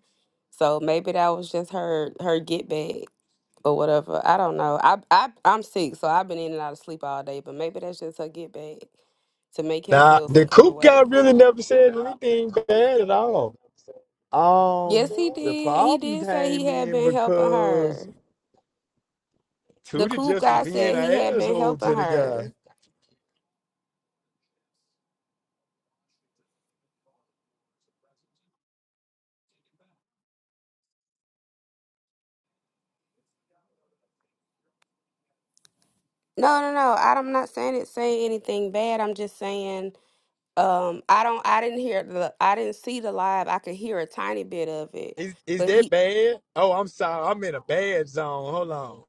So maybe that was just her her get back or whatever. I don't know. I I I'm sick, so I've been in and out of sleep all day. But maybe that's just her get back to make him Nah, feel the some kind of coop guy way. really never said anything bad at all. Um, Yes, he the did. He problem did say he came had in been helping because her. The Tudor coop just was guy being an said he had been asshole to helping the her. guy. No, no, no. I- I'm not saying it saying anything bad. I'm just saying um I don't I didn't hear the I didn't see the live. I could hear a tiny bit of it. Is is But that he bad? Oh, I'm sorry, I'm in a bad zone. Hold on.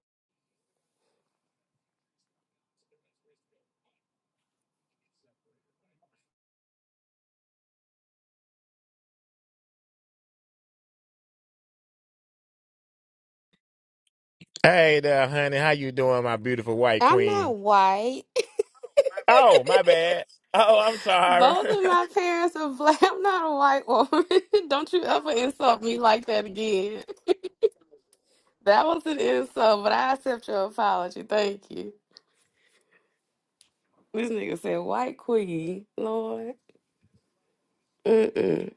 Hey there, honey. How you doing, my beautiful white I'm queen? not white. Oh, my bad. Oh, I'm sorry. Both of my parents are black. I'm not a white woman. don't you ever insult me like that again. That was an insult, but I accept your apology. Thank you. This nigga said white queen. Lord. Mm-mm.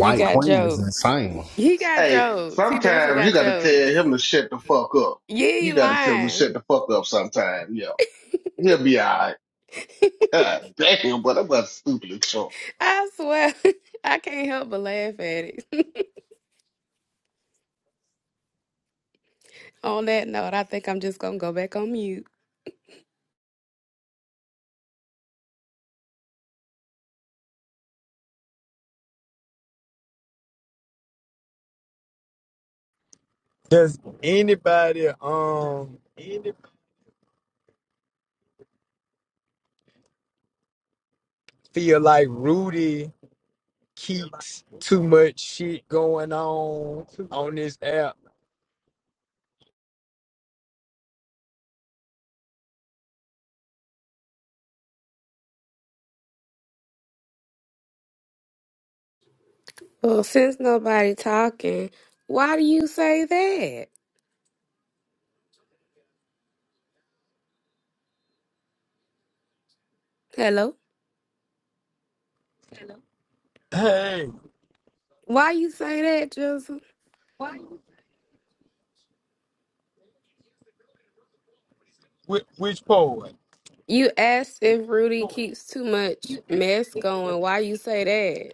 You got Queen is jokes. insane. He got Hey, jokes. He definitely sometimes you got gotta tell jokes. him to shut the fuck up. You You ain't gotta tell him to lying. shut the fuck up sometime, yo, He'll be alright. God damn, but I'm about stupid as shit. I swear. I can't help but laugh at it. On that note, I think I'm just gonna go back on mute. Does anybody um feel like Rudy keeps too much shit going on on this app? Well, since nobody talking, why do you say that? Hello? Hey, Why you say that, Joseph? which, which poet? You asked if Rudy keeps too much mess going. Why you say that?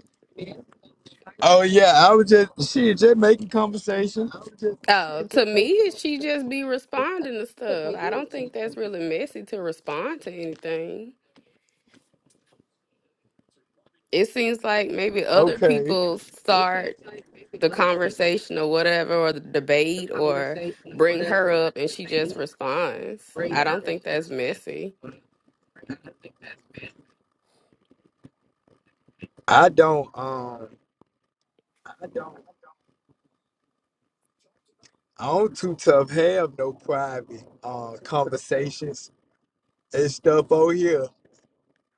Oh yeah, I was just she just making conversation. Oh, to me, she just be responding to stuff. I don't think that's really messy to respond to anything. It seems like maybe other Okay. people start the conversation or whatever, or the debate, or bring her up and she just responds. I don't think that's messy. I don't um I don't I am too tough have no private uh conversations and stuff on here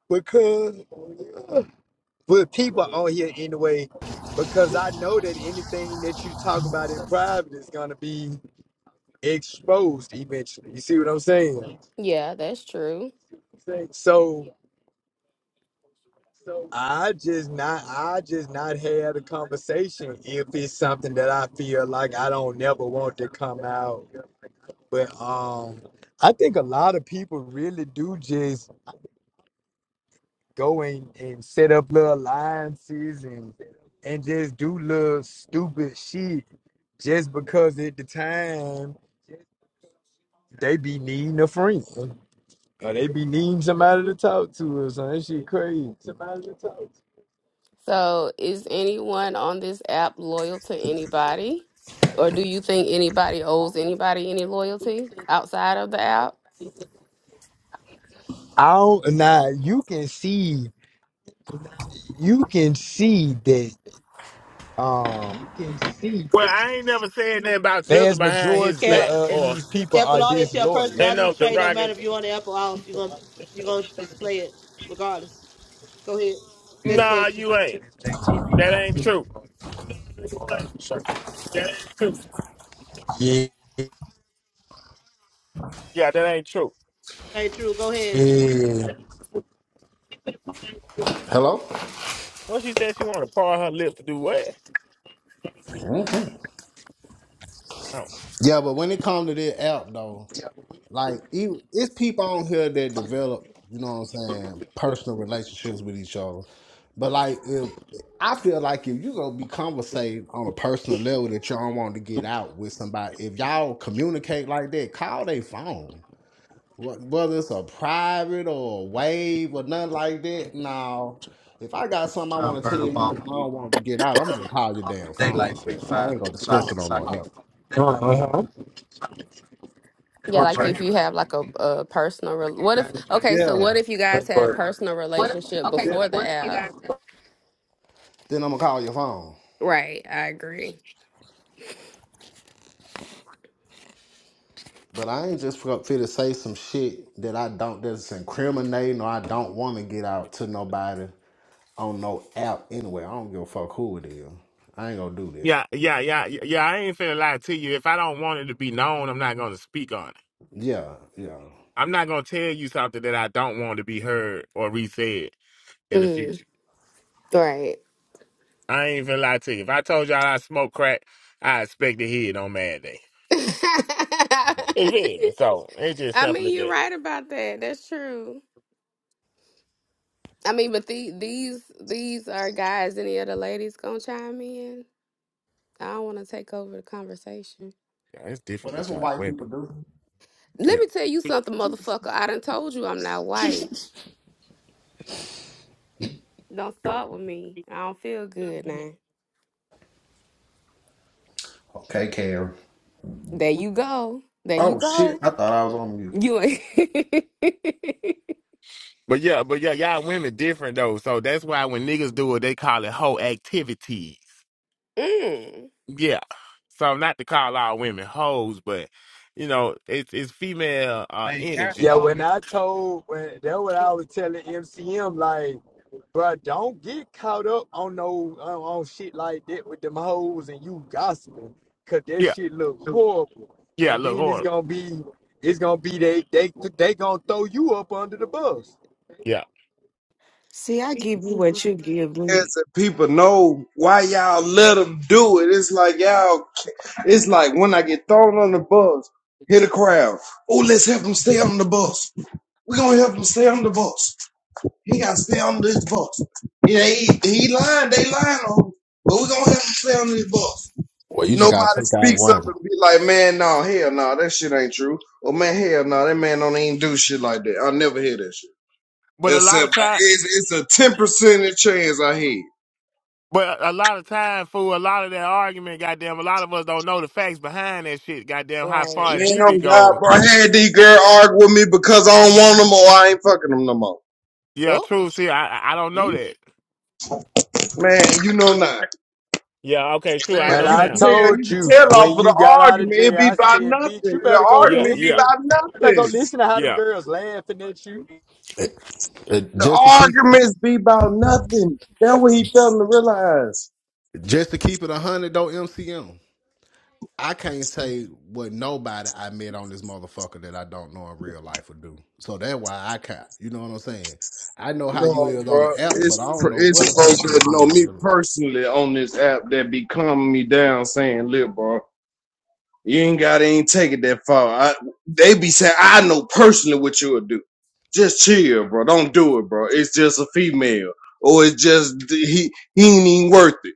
because with people on here anyway because I know that anything that you talk about in private is gonna be exposed eventually. You see what I'm saying? Yeah, that's true. So I just not I just not had a conversation if it's something that I feel like I don't never want to come out But um, I think a lot of people really do just go in and set up little alliances and and just do little stupid shit just because at the time they be needing a friend or they be needing somebody to talk to or something. That shit crazy. Somebody to talk to. So, is anyone on this app loyal to anybody? Or do you think anybody owes anybody any loyalty outside of the app? I don't now you can see you can see that um you can see well, that I ain't never said nothing about Jizzle vast behind his majority Yeah. back of or these people are Apple always tell disloyal. and personality no trait. No matter derogatory. if you on the Apple off, you are gonna you are gonna display it regardless. Go ahead. Next Nah, question. you ain't. That ain't true. Yeah. Yeah, that ain't true. Ain't true. Go ahead. Hello? What she said she wanna par her lips to do what? Mhm. Oh. Yeah, but when it comes to this app though. Like even it's people on here that develop, you know what I'm saying, personal relationships with each other. But like if I feel like if you gonna be conversating on a personal level that y'all want to get out with somebody, if y'all communicate like that, call their phone. Wh- Whether it's a private or a wave or nothing like that, no. If I got something I want to tell you and I don't want to get out, I'm gonna just call your damn phone, man. I ain't gonna discuss it on no app. Yeah, like if you have like a, a personal re- what if okay, so Yeah. what if you guys had a personal relationship before the app? Then I'm gonna call your phone. Right, I agree. But I ain't just for fit to say some shit that I don't that's incriminating or I don't want to get out to nobody on no app anyway. I don't give a fuck who it is. I ain't gonna do that. Yeah, yeah, yeah, yeah. yeah, I ain't finna lie to you. If I don't want it to be known, I'm not gonna speak on it. Yeah, yeah. I'm not gonna tell you something that I don't want to be heard or re-said in the Mm, future. right. I ain't even lie to you. If I told y'all I smoke crack, I expect to hear it on Mad Day. You feel me? So it's just I simply mean, you're that. right about that. That's true. I mean, but the, these these are guys. Any other ladies gonna chime in? I don't want to take over the conversation. Yeah, it's Well, different that's with what y'all white people women. do. Let Yeah. me tell you something, motherfucker. I done told you I'm not white. Don't start with me. I don't feel good now. Okay, Karen. There you go. There you Oh shit! go. I thought I was on mute. You ain't. But yeah, but yeah, y'all women different though. So that's why when niggas do it, they call it hoe activities. mm, Yeah. So not to call all women hoes, but you know, it's it's female uh energy. Yeah, when I told when that what I was telling MCM, like, bro, don't get caught up on no on, on shit like that with them hoes and you gossiping, cause that Yeah. shit look horrible. Yeah, And look then it's horrible. gonna be it's gonna be they they they gonna throw you up under the bus. Yeah. See, I give you what you give Yes, me. and people know why y'all let them do it. It's like y'all. It's like when I get thrown on the bus, hit the crowd. Oh, let's help him stay on the bus. We're gonna help him stay on the bus. He gotta stay on this bus. Yeah, he, he lying. They lying on him, but we're gonna help him stay on this bus. Well, you just gotta Nobody take out speaks up one. and be like, man, no, hell no, that shit ain't true. Or man, hell no, that man don't even do shit like that. I never hear that shit. But a lot Except of by- times it's, it's a ten percent chance I hear. it. But a lot of time, fool, a lot of that argument, goddamn, a lot of us don't know the facts behind that shit, goddamn, how far right. and Man, deep it oh God, goes. bro, I had these girl argue with me because I don't want them or I ain't fucking them no more. Yeah, Oh, true. See, I I I don't know you that. Man, you know not. Yeah, okay, true. I Man, But know you I can now. tell, you told can you tell when off of you the got out of argument. It jail, be I by said, bitch, you nothing. better The go Yeah, argument be yeah, listen. by You better go nothing. listen to how them yeah. girls laughing at you. Eh, eh, The just to keep, arguments be about nothing. That's what he failing to realize. just to keep it a hundred though. MCM. I can't say what nobody I met on this motherfucker that I don't know in real life would do. So that's why I can't. You know what I'm saying? I know how you No, is on bro, the app, but I it's don't know it's what a folks person that would do know in me real life. personally on this app that be calming me down, saying, "Look, bro, you ain't gotta ain't take it that far." I, they be saying, "I know personally what you'll do. Just chill, bro. Don't do it, bro. It's just a female, or it's just he he ain't even worth it,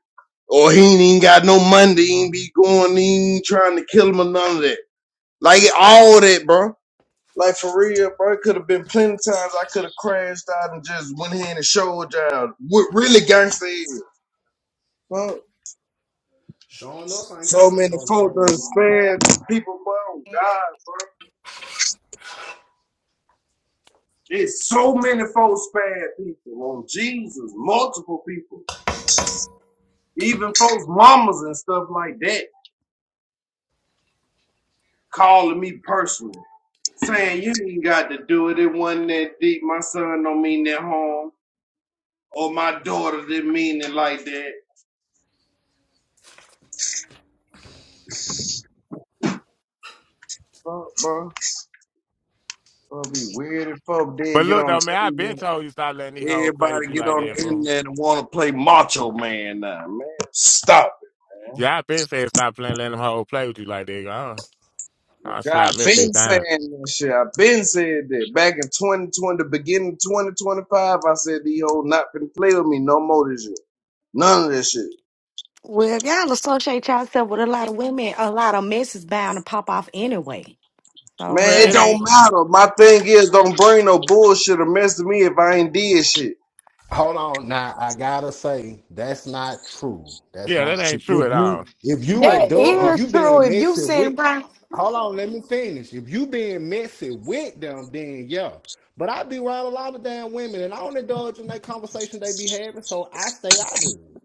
or he ain't even got no money. He ain't be going, he ain't trying to kill him or none of that. Like all that, bro." Like for real, bro, it could have been plenty times I could have crashed out and just went ahead and showed y'all what really gangsta is. Fuck. Showing us ain't So gangster many though, folks bro. done spared people, bro. on God, bro. It's so many folks spared people on Jesus, multiple people. Even folks' mamas and stuff like that calling me personally. Saying you ain't got to do it. It wasn't that deep. My son don't mean that harm. Or my daughter didn't mean it like that. Fuck, bro. It'll be weird if folk didn't But get look on though, the man, I've been internet. told you stop letting these hoes play Everybody with you get like on that, the fool. internet and want to play Macho Man now, man. Stop it, man. Yeah, I've been saying stop playing, letting them hoes play with you like that. i I'll God, I've slap me a been bit down. saying this shit. I've been saying that. Back in 2020, the beginning of 2025, I said, the old not finna play with me no more this year. None of this shit. Well, if y'all associate yourself with a lot of women, a lot of mess is bound to pop off anyway. So Well, Man, it it hey, ain't. don't matter. My thing is, don't bring no bullshit or mess with me if I ain't did shit. Hold on, now I gotta say that's not true. That's Yeah, that not ain't true. true If at all. you if you Thank That you, indulge, bro. if is you true. being If you messy with, send around, hold on, let me finish. If you being messy with them, then yeah. But I be around a lot of damn women, and I don't indulge in that conversation they be having, so I stay out of it.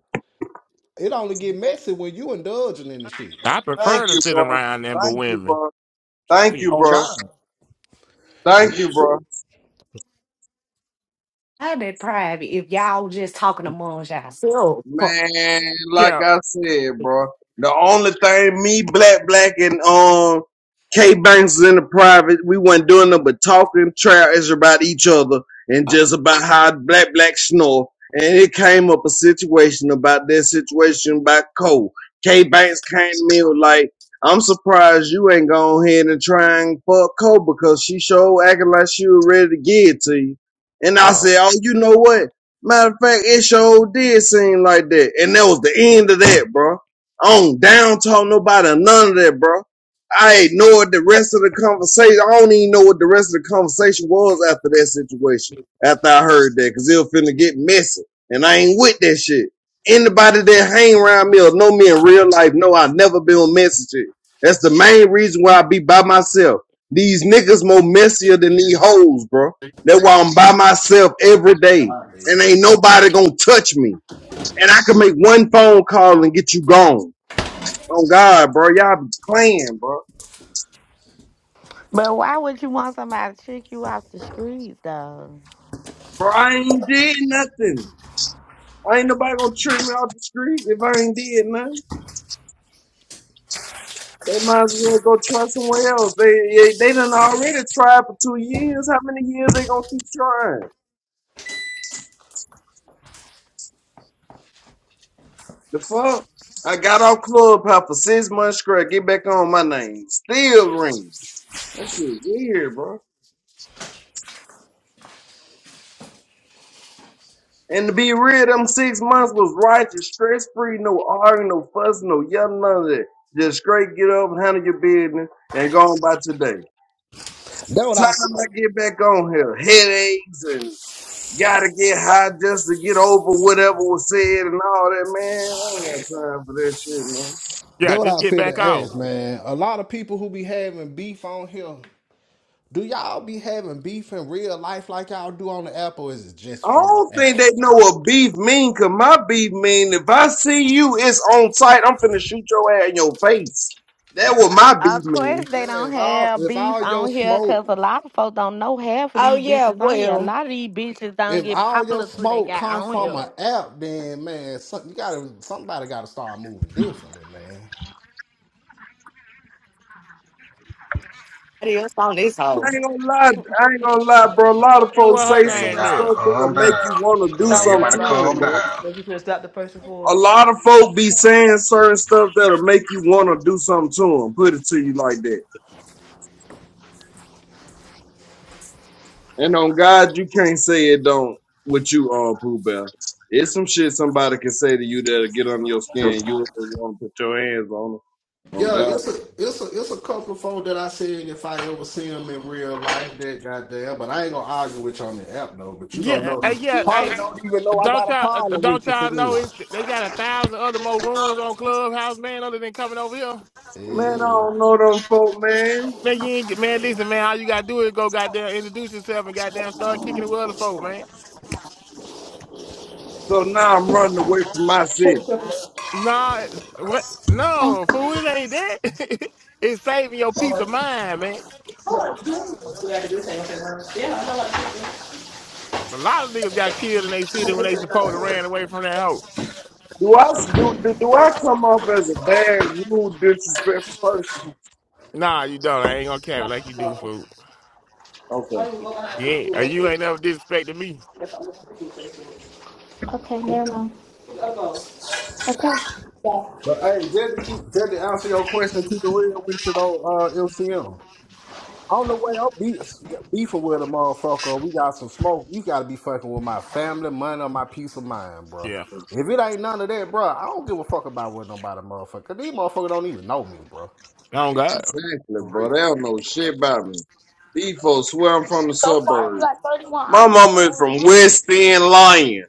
It only get messy when you indulging in the shit. I Thank prefer to you, sit bro. around them but Thank you, women. bro. Thank you, Shit. On bro. God, Thank real you, bro. shit. I'd be private if y'all just talking amongst yourself. Man, like Yeah. I said, bro. The only thing me, Black Black, and um K Banks is in the private, we wasn't doing nothing but talking trash about each other and just about how Black Black snore. And it came up a situation about that situation about Cole. K Banks came to me with like, I'm surprised you ain't gone ahead and trying fuck Cole because she sure acting like she was ready to get it to you. And I Oh. said, Oh, you know what? Matter of fact, it sure did seem like that. And that was the end of that, bro. I don't down talk nobody, none of that, bro. I ignored the rest of the conversation. I don't even know what the rest of the conversation was after that situation. After I heard that, cause it was finna get messy. And I ain't with that shit. Anybody that hang around me or know me in real life know I've never been on messy shit. That's the main reason why I be by myself. These niggas more messier than these hoes, bro. That's why I'm by myself every day God, and yeah. ain't nobody gonna touch me. And I can make one phone call and get you gone. Oh God, bro, y'all be playing, bro. But why would you want somebody to trick you off the streets, though? Bro, I ain't did nothing. I ain't nobody gonna trip me off the streets if I ain't did nothing. They might as well go try somewhere else. They they, they done already tried for two years. How many years they gonna keep trying? The fuck? I got off Clubhouse for six months straight. Get back on my name. Still rings. That shit weird, bro. And to be real, them six months was righteous, stress free, no arguing, no fussing, no yelling, none of that. Just straight get up, handle your business, and go on by today. That what Time I feel. I get back on here, headaches and gotta get high just to get over whatever was said and all that, man. I don't got time for that shit, man. That Yeah. what Just I get feel back to off. ask, man. A lot of people who be having beef on here Do y'all be having beef in real life like y'all do on the app, or is it just I from don't the app? think they know what beef mean, cause my beef mean if I see you, it's on sight. I'm finna shoot your ass in your face. That what my beef Of mean. course, Yeah, they don't if all have if beef all your on here smoke because a lot of folks don't know half of oh these yeah, bitches on here. A well, lot of these bitches don't if get all your popular till they smoke got come on from here. an app, then man, some, you gotta somebody gotta start moving differently, man. What else on this hoe? I ain't gonna lie, I ain't gonna lie, bro. A lot of And folks what say her Yeah, Okay, certain name y'all, is? stuff that'll calm make you down. want to Come do on, Don't something worry. everybody to them, calm bro. down. If you can stop the person for. A lot of folk be saying certain stuff that'll make you want to do something to them. Put it to you like that. And on God, you can't say it don't with you, uh, Pooh Bear. It's some shit somebody can say to you that'll get on your skin. You don't want to put your hands on them, On Yeah, God, it's a it's a it's a couple of folk that I said if I ever see them in real life that goddamn, but I ain't gonna argue with you on the app though. But you gonna Yeah, uh, uh, know, yeah. probably Hey, don't even know I don't got a y'all uh, uh, problem don't with you for y'all know real. it's, they got a thousand other more rooms on Clubhouse, man, other than coming over here. man, I Yeah. don't know them folk, man. Man, you ain't get man. Listen, man, all you gotta do is go goddamn introduce yourself and goddamn start kicking it with other folk, man. So now I'm running away from my city. Nah, what? No, fool, it ain't that. it's saving your peace of mind, man. A lot of niggas got killed in they city when they supposed to ran away from that hoe. Do I do, do do I come off as a bad, rude, disrespectful person? Nah, you don't. I ain't gonna cap it like you do, fool. Okay, Yeah, you ain't uh, you ain't never disrespected me. Okay, never mind. go. Okay. But hey, just to keep just to answer your question, keep it real with you though, uh LCM. On the way I'm be, beefing with a motherfucker, we got some smoke. You gotta be fucking with my family, money, or my peace of mind, bro. Yeah. If it ain't none of that, bro, I don't give a fuck about what nobody motherfucker. These motherfuckers don't even know me, bro. Oh God. exactly, For real. bro. They don't know shit about me. These folks swear I'm from the So far, we suburbs. got 31 My items for mama is only from 100 West End, Lyon.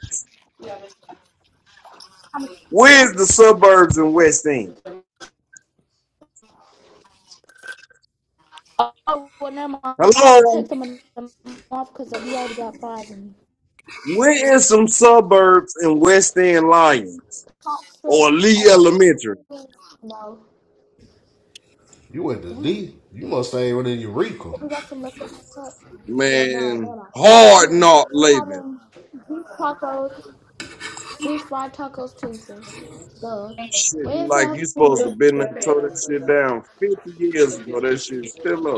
Where's stamps. the suburbs in West End? Oh, well, never mind. I'm going to take Hello, some of them off because we already got fries and where is Richard some suburbs in West End, Lyons Thompson. or Lee Elementary? No, You went to dang. D. You must stay within Eureka. If we got some left over, cut. Yo, no, no, Man, no. hard Anyways, knock we're living. having beef tacos, beef fried tacos Tuesdays. Duh. Shit, like Wednesday, you supposed to been there, and tore that shit down 50 years ago. That shit's still up.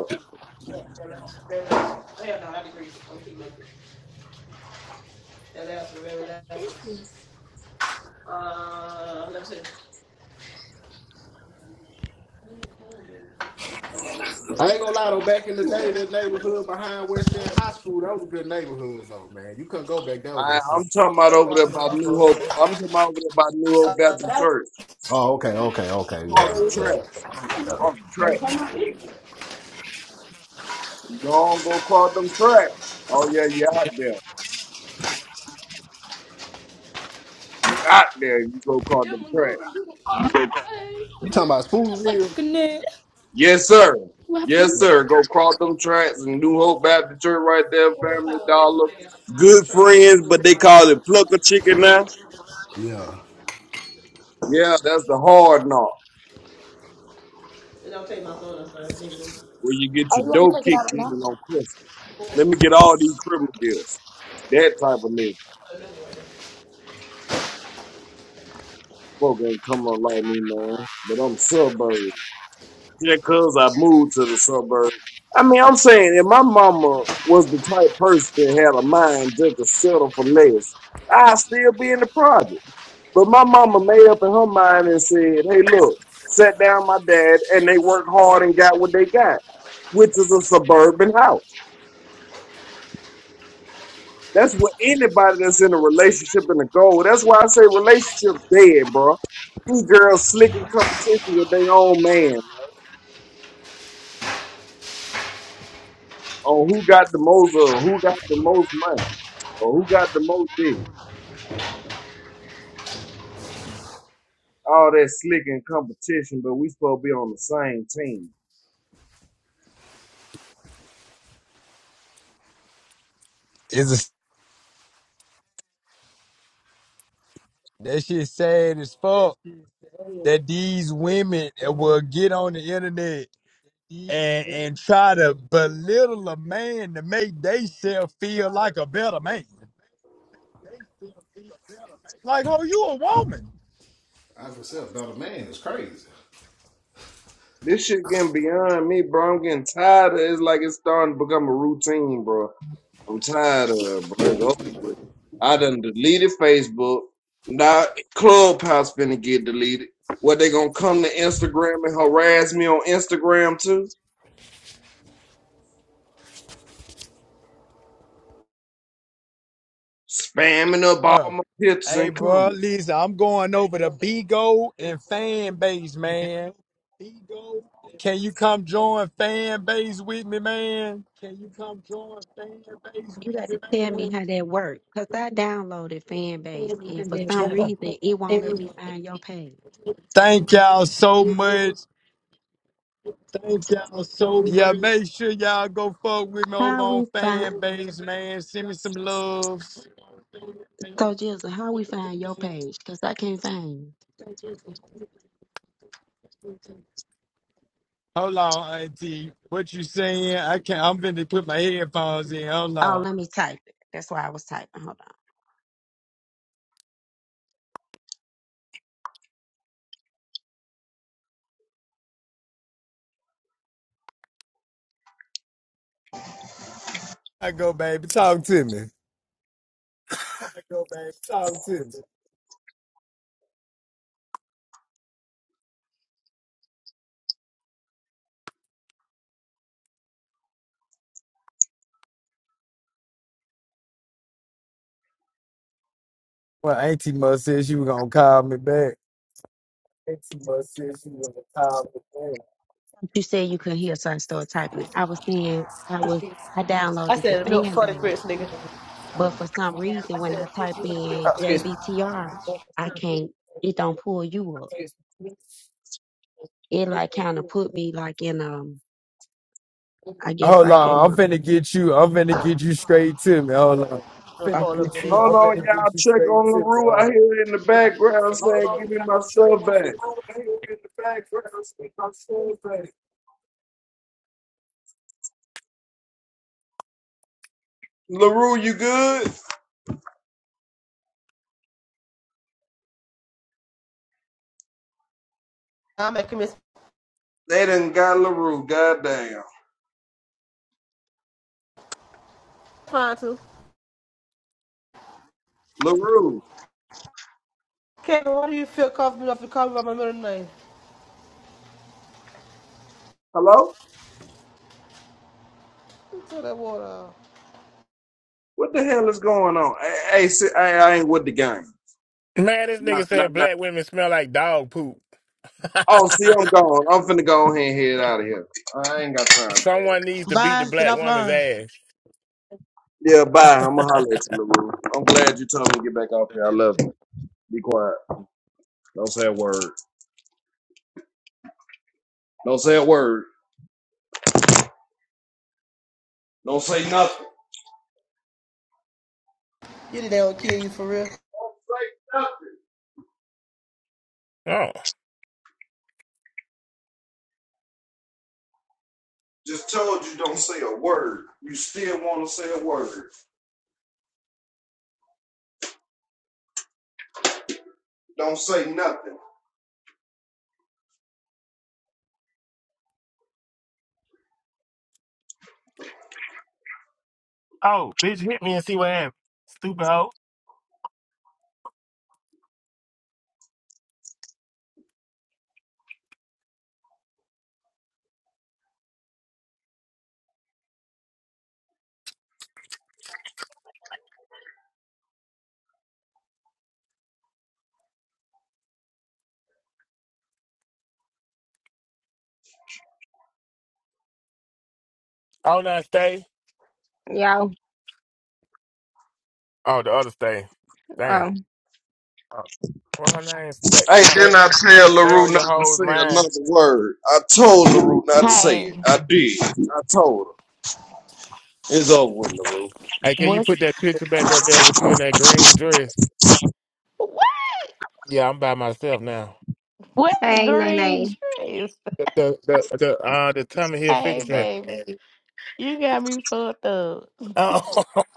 i And that's remember that last one, very Uh, let me see. I ain't gonna lie though, back in the day, that neighborhood behind West End High School, that was a good neighborhood though, man. You couldn't go back there with I, that I'm shit. talking about Elder over there Watson by New Hope. I'm talking about over there by New Hope Uh, Baptist Church. Oh, okay, okay, okay, yeah, Cross the yeah. track. yeah. Cross the track. Don't go cross them tracks. Oh yeah, you out there. You out there. You go cross them tracks. You talking about Spoonville? Yes, sir. What Yes, happened? sir. Go cross them tracks and New Hope Baptist Church right there, What about Family power, they gonna Dollar. take out. Oh, Good church friends, but they call it plucker chicken now. Yeah. Yeah, that's the hard knock take my phone outside, nigga. where you get Oh, your you want me to dough take it out kicked right now? in on Christmas. Let me get all these criminal deals. That type of nigga. Folk ain't come on like me, man. But I'm suburban. Yeah, cause I moved to the suburb. I mean, I'm saying if my mama was the type person that had a mind just to settle for less, I'd still be in the project. But my mama made up in her mind and said, hey, look, sat down my dad and they worked hard and got what they got, which is a suburban house. That's what anybody that's in a relationship and a goal. That's why I say relationship dead, bro. These girls slicking competition with their own man, on who got the most of, who got the most money, or who got the most this. All that slick and competition, but we supposed to be on the same team. It's a, that shit sad as fuck. that these women will get on the internet and and try to belittle a man to make theyself feel like a better man. Like, oh, you a woman. I for self, about a man is crazy. This shit getting beyond me, bro. I'm getting tired of it. It's like it's starting to become a routine, bro. I'm tired of it, bro. It's over with. I done deleted Facebook. Now Clubhouse finna get deleted. What they gonna come to Instagram and harass me on Instagram too? Spamming up all Uh, my pictures hey, and bro, comments. listen, I'm going over to Bigo and fan base, man. Can you come join fan base with me, man? Can you come join fan base You got to with me, tell me how that works. Because I downloaded fan base and for some man? reason it won't let me find your page. Thank y'all so much. Thank y'all so much. Yeah, make sure y'all go fuck with me over How we on find fan base, man. Send me some loves. so Jizzle, how we find your page? Because I can't find you. Hold on, Auntie. What you saying? I can't. I'm finna put my headphones in. Hold Oh, on. let me type it. That's why I was typing. Hold on. I go, baby. Talk to me. I go, baby. Talk to me. Well, Auntie must said she was gonna call me back. Auntie must said she was gonna call me back. You said you couldn't hear, so I started typing it. I was saying I was I I downloaded the said milk fan for the base, grits, nigga. but for some reason when I type Oh, in excuse me. JVTR, I can't it don't pull you up. It like kind of put me like in um I guess Hold like on. in I'm finna a, get you. I'm finna get you straight to me. Hold on. I'm gonna Finna okay. pull get up you. video Hold I'm for the on, finna grits. y'all. get you Check straight on to me. LaRue. I Hold hear it in the background on. saying, give me my stuff back. LaRue, you good? I'm making this They done got LaRue. Goddamn. fine too. LaRue. Kevin, why do you feel comfortable enough to call me by my middle name? Hello? Throw that water out. What the hell is going on? Hey, hey, see, I, I ain't with the game. Man, this Nah, nigga nah, said nah. black women smell like dog poop. Oh, see, I'm gone. I'm finna go ahead and head out of here. I ain't got time. Someone needs to beat the Bye. Get black woman's offline. ass. Yeah, bye. I'm gonna holler at you, LaRue. I'm glad you told me to get back off here. I love you. Be quiet. Don't say a word. Don't say a word. Don't say nothing. You didn't kill you for real. Don't say nothing. Oh. Just told you don't say a word. You still want to say a word. Don't say nothing. Oh, bitch, hit me and see what happens. Stupid hoe. Oh, not stay. Yo, Oh, the other stay. Damn. oh, Oh. What her name? Stay, Hey, then stay, I tell stay LaRue on not your to hoes, say mind. another word. I told LaRue not to say it. Hey, I did. I told her. It's over with, LaRue. Hey, can you what's put that picture back up there with you in that green dress? what? Yeah, I'm by myself now. What hey, green Nene. dress? The the the, the uh the Tommy Hill Hey, figure baby, dress. you got me fucked up. Oh,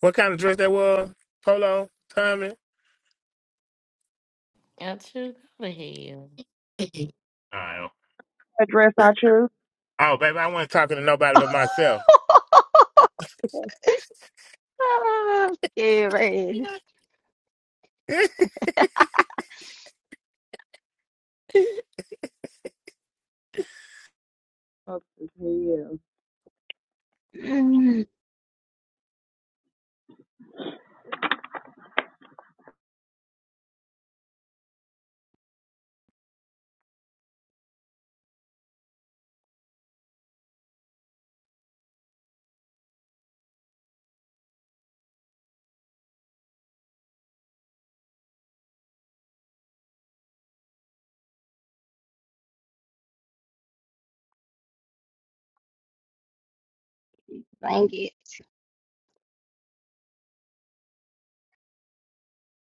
what kind of dress that was? Polo, Tommy. And you go to hell. I don't. a dress I choose. Oh, baby, I wasn't talking to nobody but myself. That's Nay. Scary. fucked as hell. Blanket.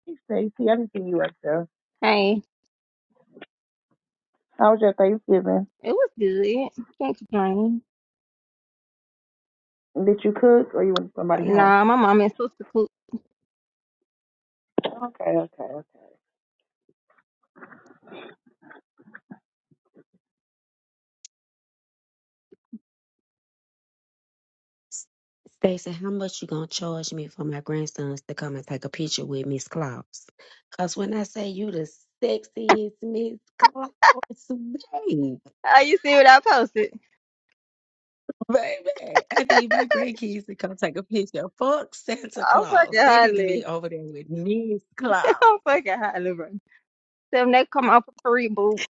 Hey, Stacy, I didn't see you up there. Hey, How was your Thanksgiving? it was good. Can't complain. Did you cook or you went to somebody's house? Nah, my mom and sister cook. Okay, okay, okay. Stacy, how much you gonna charge me for my grandsons to come and take a picture with Miss Claus? Cause when I say you the sexiest Miss Claus, babe, Oh, you see what I posted? baby, I need my grandkids to come take a picture. Fuck Santa I'm Claus, fucking they need to hardly. be over there with Miss I'm Claus. fucking hardly, bro. Them they come up for free, boo.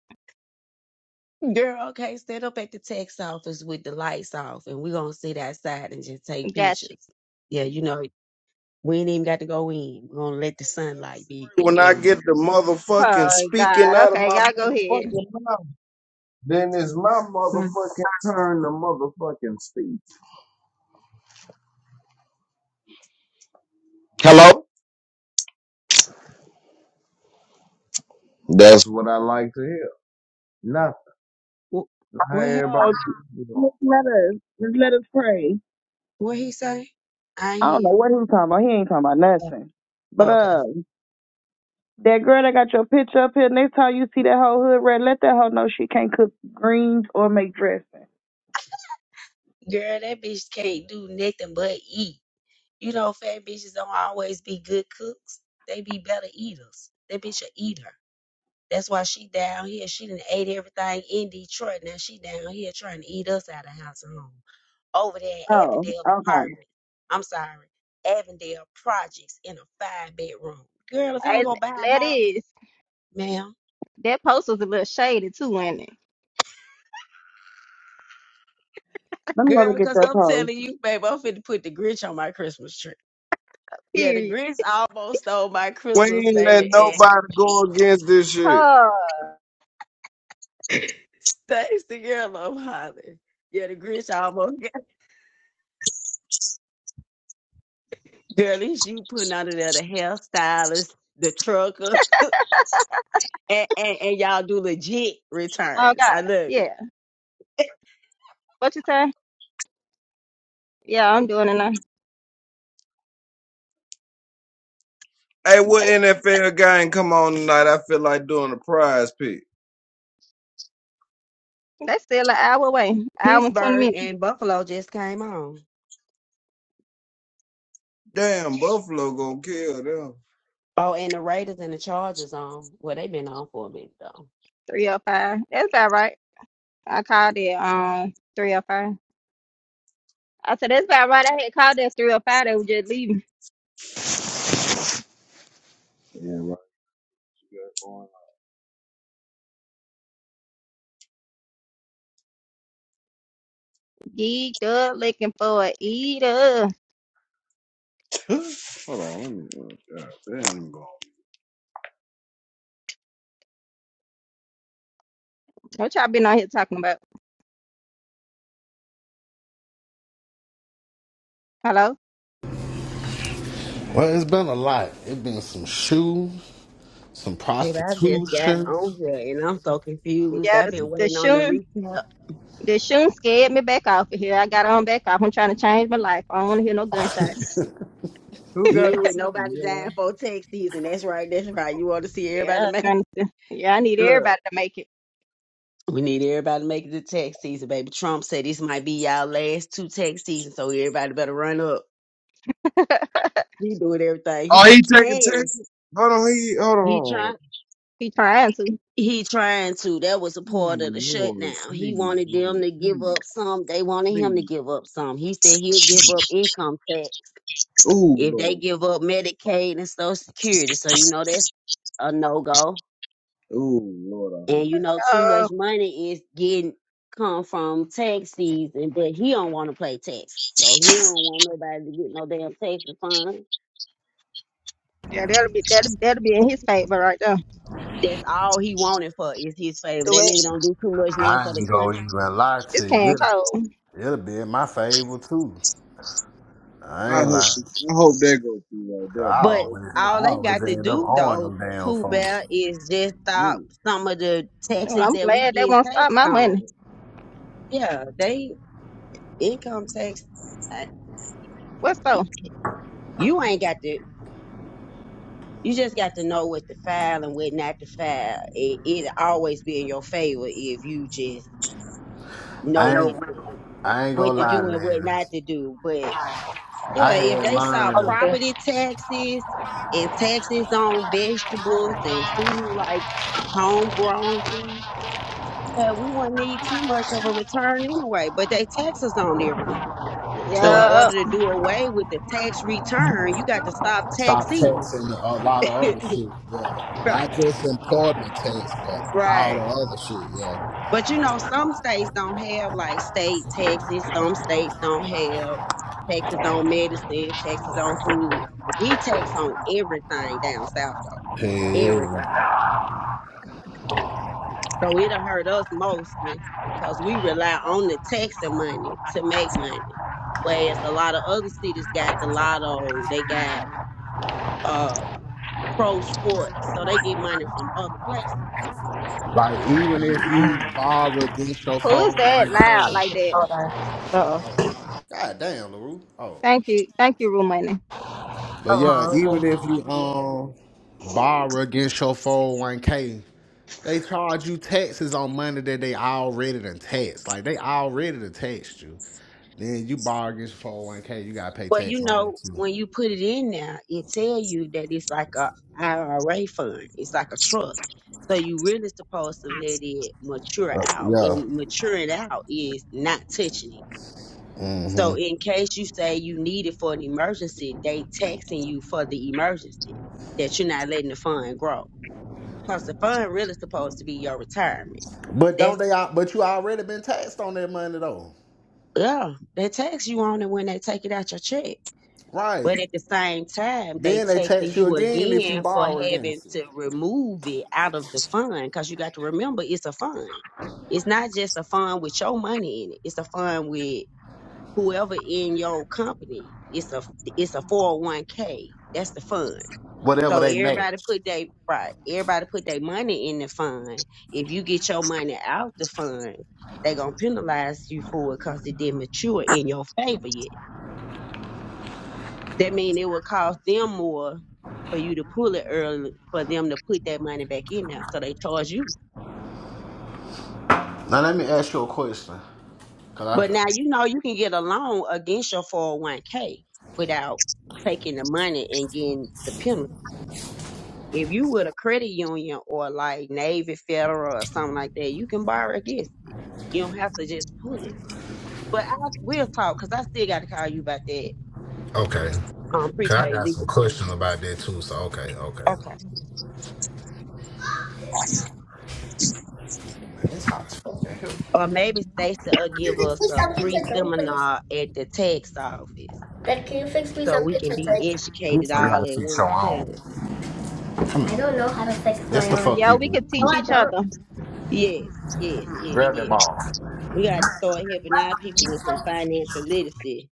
Girl, okay, stand up at the tax office with the lights off, and we gonna sit outside and just take Got you. pictures. Yeah, you know we ain't even got to go in. We're gonna let the sunlight be When I the get the motherfucking Oh, speaking God. out of Okay, my y'all go ahead. motherfucking mouth, then it's my light. motherfucking turn to motherfucking speak. Hello? That's what I like to hear. Nothing. What, How what everybody Oh, happened? just let us, just let us pray. What he say? I don't I know am. what he was talking about. He ain't talking about Oh, nothing. But okay. uh, that girl that got your picture up here, next time you see that whole hood red, let that hoe know she can't cook greens or make dressing. Girl, that bitch can't do nothing but eat. You know, fat bitches don't always be good cooks. They be better eaters. That bitch a eater. That's why she down here. She done ate everything in Detroit. Now she down here trying to eat us out of house and home. Over there in Oh, Avondale okay. apartment. I'm sorry. Avondale projects in a five bedroom. Girl, if you Hey, don't go buy a that house, is. ma'am. That post was a little shady, too, wasn't it? Let me go Girl, look at because your I'm post. telling you, baby, I'm finna put the Grinch on my Christmas tree. Yeah, the Period. Grinch almost stole my We Christmas, ain't let baby, and nobody go against this shit. Oh, thanks to girl I'm hollering. Yeah, the Grinch almost got girl, it's you putting out of there the hairstylist, the trucker, and, and, and y'all do legit oh returns. God. I love it. Yeah. What you say? Yeah, I'm doing it now. Hey, what They NFL guy ain't come on tonight? I feel like doing a prize pick. they still an hour away, hour and 20 Pittsburgh minutes, and Buffalo just came on. Damn, Buffalo gonna kill them. Oh, and the Raiders and the Chargers on. Well, they've been on for a minute though. 305. That's about right. I called it um 305. I said, that's about right. I had called it 305. They were just leaving. Yeah, what you got going Geeked up, looking for a eater. on. Hold on, let me. Uh, God damn, I'm going. What y'all been out here talking about? Hello? Well, it's been a lot. It's been some shoes, some Baby, I just got prostitution. on here and I'm so confused. Yeah, I've the, been the waiting on the shoon, recap. the shoon scared me back off of here. I got on back off. I'm trying to change my life. I don't want to hear no gunshot. Who You got ain't the with shooting? nobody Yeah. dying for tax season. That's right, that's right. You want to see everybody Yeah, make trying to, yeah, I need look. everybody to make it. We need everybody to make it to tax season, baby. Trump said this might be y'all last two tax seasons, so everybody better run up. He doing everything Oh, he he taking can. Texas. Hold on, he. Hold He on. trying He trying to. he trying to. That was a part of the Ooh, Lord, shutdown. He please, wanted them Lord, to give please, up some. They wanted him to give up please. some. He said he'll give up income tax. Ooh, If they Lord. give up Medicaid and Social Security, so you know that's a no go. Ooh, Lord, I hope. And you know too Uh, much money is getting come from tax season, but he don't want to play taxes, so he don't want nobody to get no damn tax refund. Yeah, that'll be that'll, that'll be in his favor right there. That's all he wanted for is his favor. The That way nigga don't do too much now I for the ain't gonna country, even lie this to you. can It'll, cold. it'll be in my favor too. I I ain't hope. lying. I hope that goes through 'Cause I but always, right there, I all they always got to end up do owing though, them damn Pooh folks. Bear, is just bro. stop some of the Well, taxes I'm that we glad they get won't stop taxed my money. on. Yeah, they income tax. I- What's so? You ain't got to. You just got to know what to file and what not to file. It, it'll always be in your favor if you just know I what ain't, I ain't what gonna to lie, do and what man. not to do. But yeah, I had if they start learned property taxes and taxes on vegetables and food like homegrown food, uh, we wouldn't need too much of a return anyway. But they tax us on everything. So in Yeah. order to do away with the tax return, you got to stop stop taxing. taxing a lot of other shit. Yeah, right. not just employment tax, but all Right. the other shit. Yeah. But you know, some states don't have like state taxes. Some states don't have taxes on medicine, taxes on food. We tax on everything down south though, everything. Yeah. So it'll hurt us mostly because we rely on the taxing money to make money. Whereas a lot of other cities got the lotto, they got uh pro sports, so they get money from other places. Like even if you borrow against your Who is phone that one K, loud like that? Uh I don't oh. know. God damn, LaRue. Oh. Thank you. Thank you, Rue Money. But yeah, even if you um borrow against your four hundred one K, they charge you taxes on money that they already done taxed. Like they already done taxed you. Then you borrow against your phone K, you gotta pay Well, you tax on that know, too. when you put it in there, it tell you that it's like a IRA fund. It's like a trust. So you really supposed to let it mature Uh, out. And yeah. maturing out is not touching it. hmm So in case you say you need it for an emergency, they taxing you for the emergency that you're not letting the fund grow. Because the fund really supposed to be your retirement. But don't That's they al- but you already been taxed on that money though. yeah, they tax you on it when they take it out your check. Right. But at the same time, they Then they taking tax you you again if you again for borrow having against it. to remove it out of the fund because you got to remember it's a fund. It's not just a fund with your money in it. It's a fund with whoever in your company. It's a it's a four hundred one k. That's the fund. Whatever So they everybody match. put they right. Everybody put their money in the fund. If you get your money out the fund, they gonna penalize you for it because it didn't mature in your favor yet. That mean it would cost them more for you to pull it early for them to put that money back in there. So they charge you. Now let me ask you a question. Cause But now you know you can get a loan against your 401k without taking the money and getting the penalty. If you with a credit union or like Navy Federal or something like that, you can borrow against it. You don't have to just pull it. But I will talk because I still got to call you about that Okay. um, Cause I prepaid got some legal fee. questions about that too. So okay, okay. I, man, it's hot as fuck in here. Or maybe Stacey will Can give you fix us me a something free to drink, please? seminar at the tax office Dad, can you fix me so we something can to be drink? Let me educated show you all how to at fix one your own. time. Come here. I don't know how to fix That's my the own. fuck Yeah, you do. we Come No, could teach I each don't. other. here. Yes, yes, yes, Grab that yes. ball. We got to start helping our people with some financial literacy.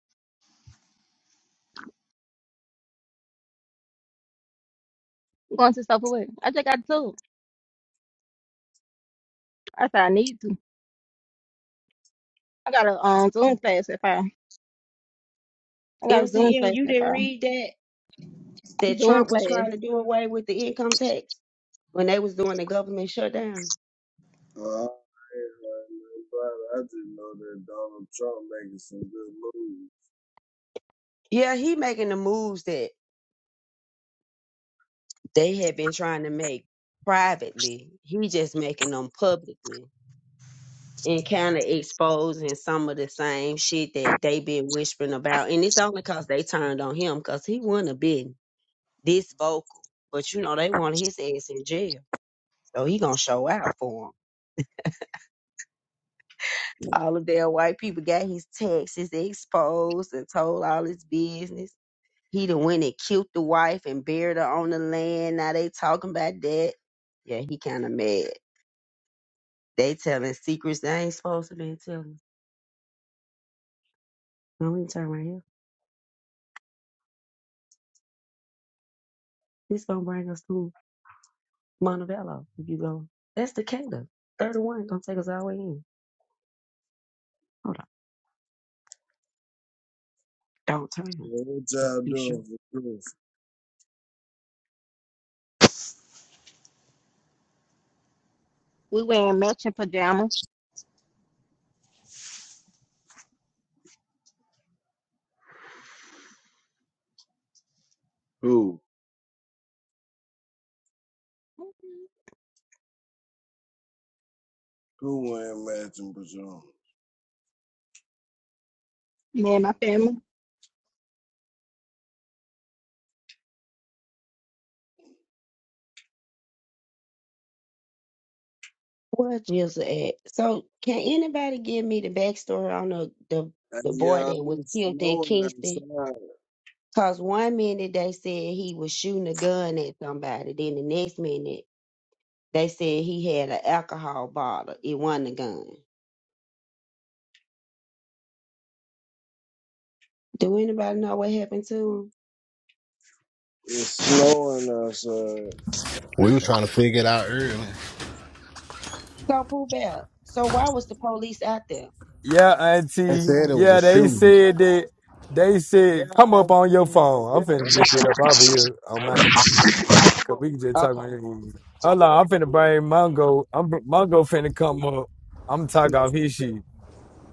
You going to stuff away. I just got to. I said I need to. I got a um Zoom class at five. I got a Zoom MCM, class you at didn't five. read that? That Zoom Trump was class. trying to do away with the income tax when they was doing the government shutdown? Uh, I ain't heard nothing I just know that Donald Trump making some good moves. Yeah, he making the moves that they had been trying to make privately. He just making them publicly and kind of exposing some of the same shit that they been whispering about. And it's only because they turned on him because he wouldn't have been this vocal. But you know, they wanted his ass in jail. So he gonna show out for him. All of their white people got his taxes exposed and told all his business. He the one that killed the wife and buried her on the land. Now they talking about that. Yeah, he kind of mad. They telling secrets they ain't supposed to be telling. Let me turn right here. This gonna bring us to Montebello. If you go, that's Decatur. 31 gonna take us all the way in. Hold on, don't turn. What Just y'all be sure. doing for Christmas? We wearing matching pajamas. Who? Who wearing matching pajamas? Me and my family. Where Jizzle at? So, can anybody give me the backstory on the the, the Hey, boy y'all, that was it's killed in snowing Kingston? outside. Cause one minute they said he was shooting a gun at somebody, then the next minute they said he had an alcohol bottle. It wasn't a gun. Do anybody know what happened to him? It's snowing outside. We were trying to figure it out earlier. So, Pooh Bell. So, why was the police out there? Yeah, They auntie. said it was a Yeah, they shoe. said that. They said, come up on your phone. I'm finna just get up off of here on my, cause we can just talk Okay. about it. Hold on, I'm finna bring Mongo. I'm Mongo finna come up. I'm talk off his shit.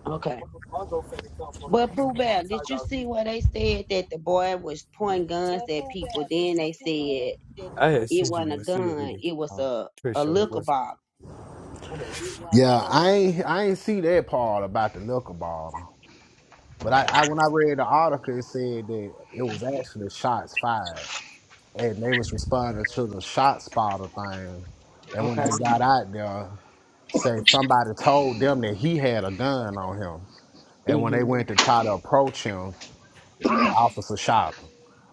Okay. Mongo finna come up. But Pooh I'm Bell, talk did you off see his. where they said that the boy was pointing guns at people? Then they said I had it sent you wasn't a one. See if you gun, can. it was Um, a, a Trisha, what liquor was bottle. it? Yeah, I ain't I ain't see that part about the liquor bottle. But I, I when I read the article, it said that it was actually shots fired, and they was responding to the shot spotter thing. And when they Okay. got out there, say somebody told them that he had a gun on him. And when they hmm went to try to approach him, the officer shot him.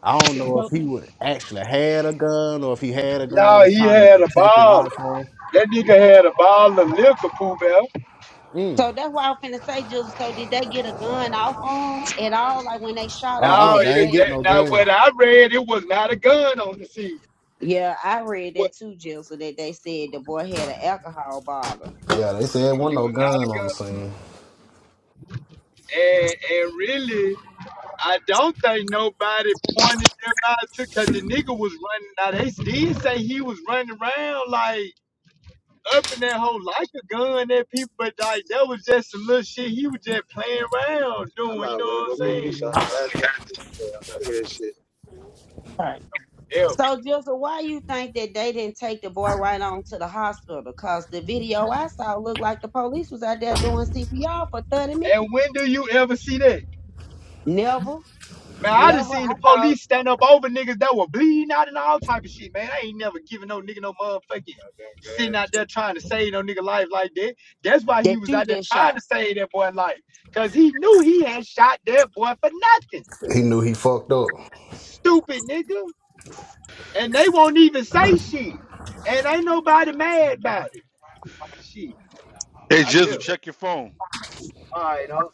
I don't know if So, he would actually had a gun or if he had a gun and Y'all, was he trying to had a take it ball. off on. That nigga had a ball of liquor, Pooh Bell. Mm. so that's why I was finna say, just so did they get a gun off on at all? Like when they shot him, did Uh Now, uh they they it, ain't get that, say? no now gun. what I read, it was not a gun on the scene. Yeah, I read What? that too, Jill, so that they said the boy had an alcohol bottle. Yeah, they said wasn't It no was gun not a on the gun. scene. And, and really, I don't think nobody pointed them out to because the nigga was running. Now they did say he was running around like up in that hole like a gun at people, but like that was just some little shit he was just playing around doing. I'm You know not ready to what to hmm go I'm get me saying? something. Goddamn, look at that shit. Yeah, So, Joseph, why you think that they didn't take the boy right on to the hospital? Because the video I saw looked like the police was out there doing CPR for 30 And minutes. when do you ever see that? Never, Man, I just never. seen I the thought police stand up over niggas that were bleeding out and all type of shit, man. I ain't never giving no nigga no motherfucking sitting out there trying to save no nigga life like that. That's why he that was you out there just shot. trying to save that boy life. Cause he knew he had shot that boy for nothing. He knew he fucked up. Stupid nigga. And they won't even say shit. And ain't nobody mad about it. Shit. Hey, I Jizzle, live. check your phone. All right, huh?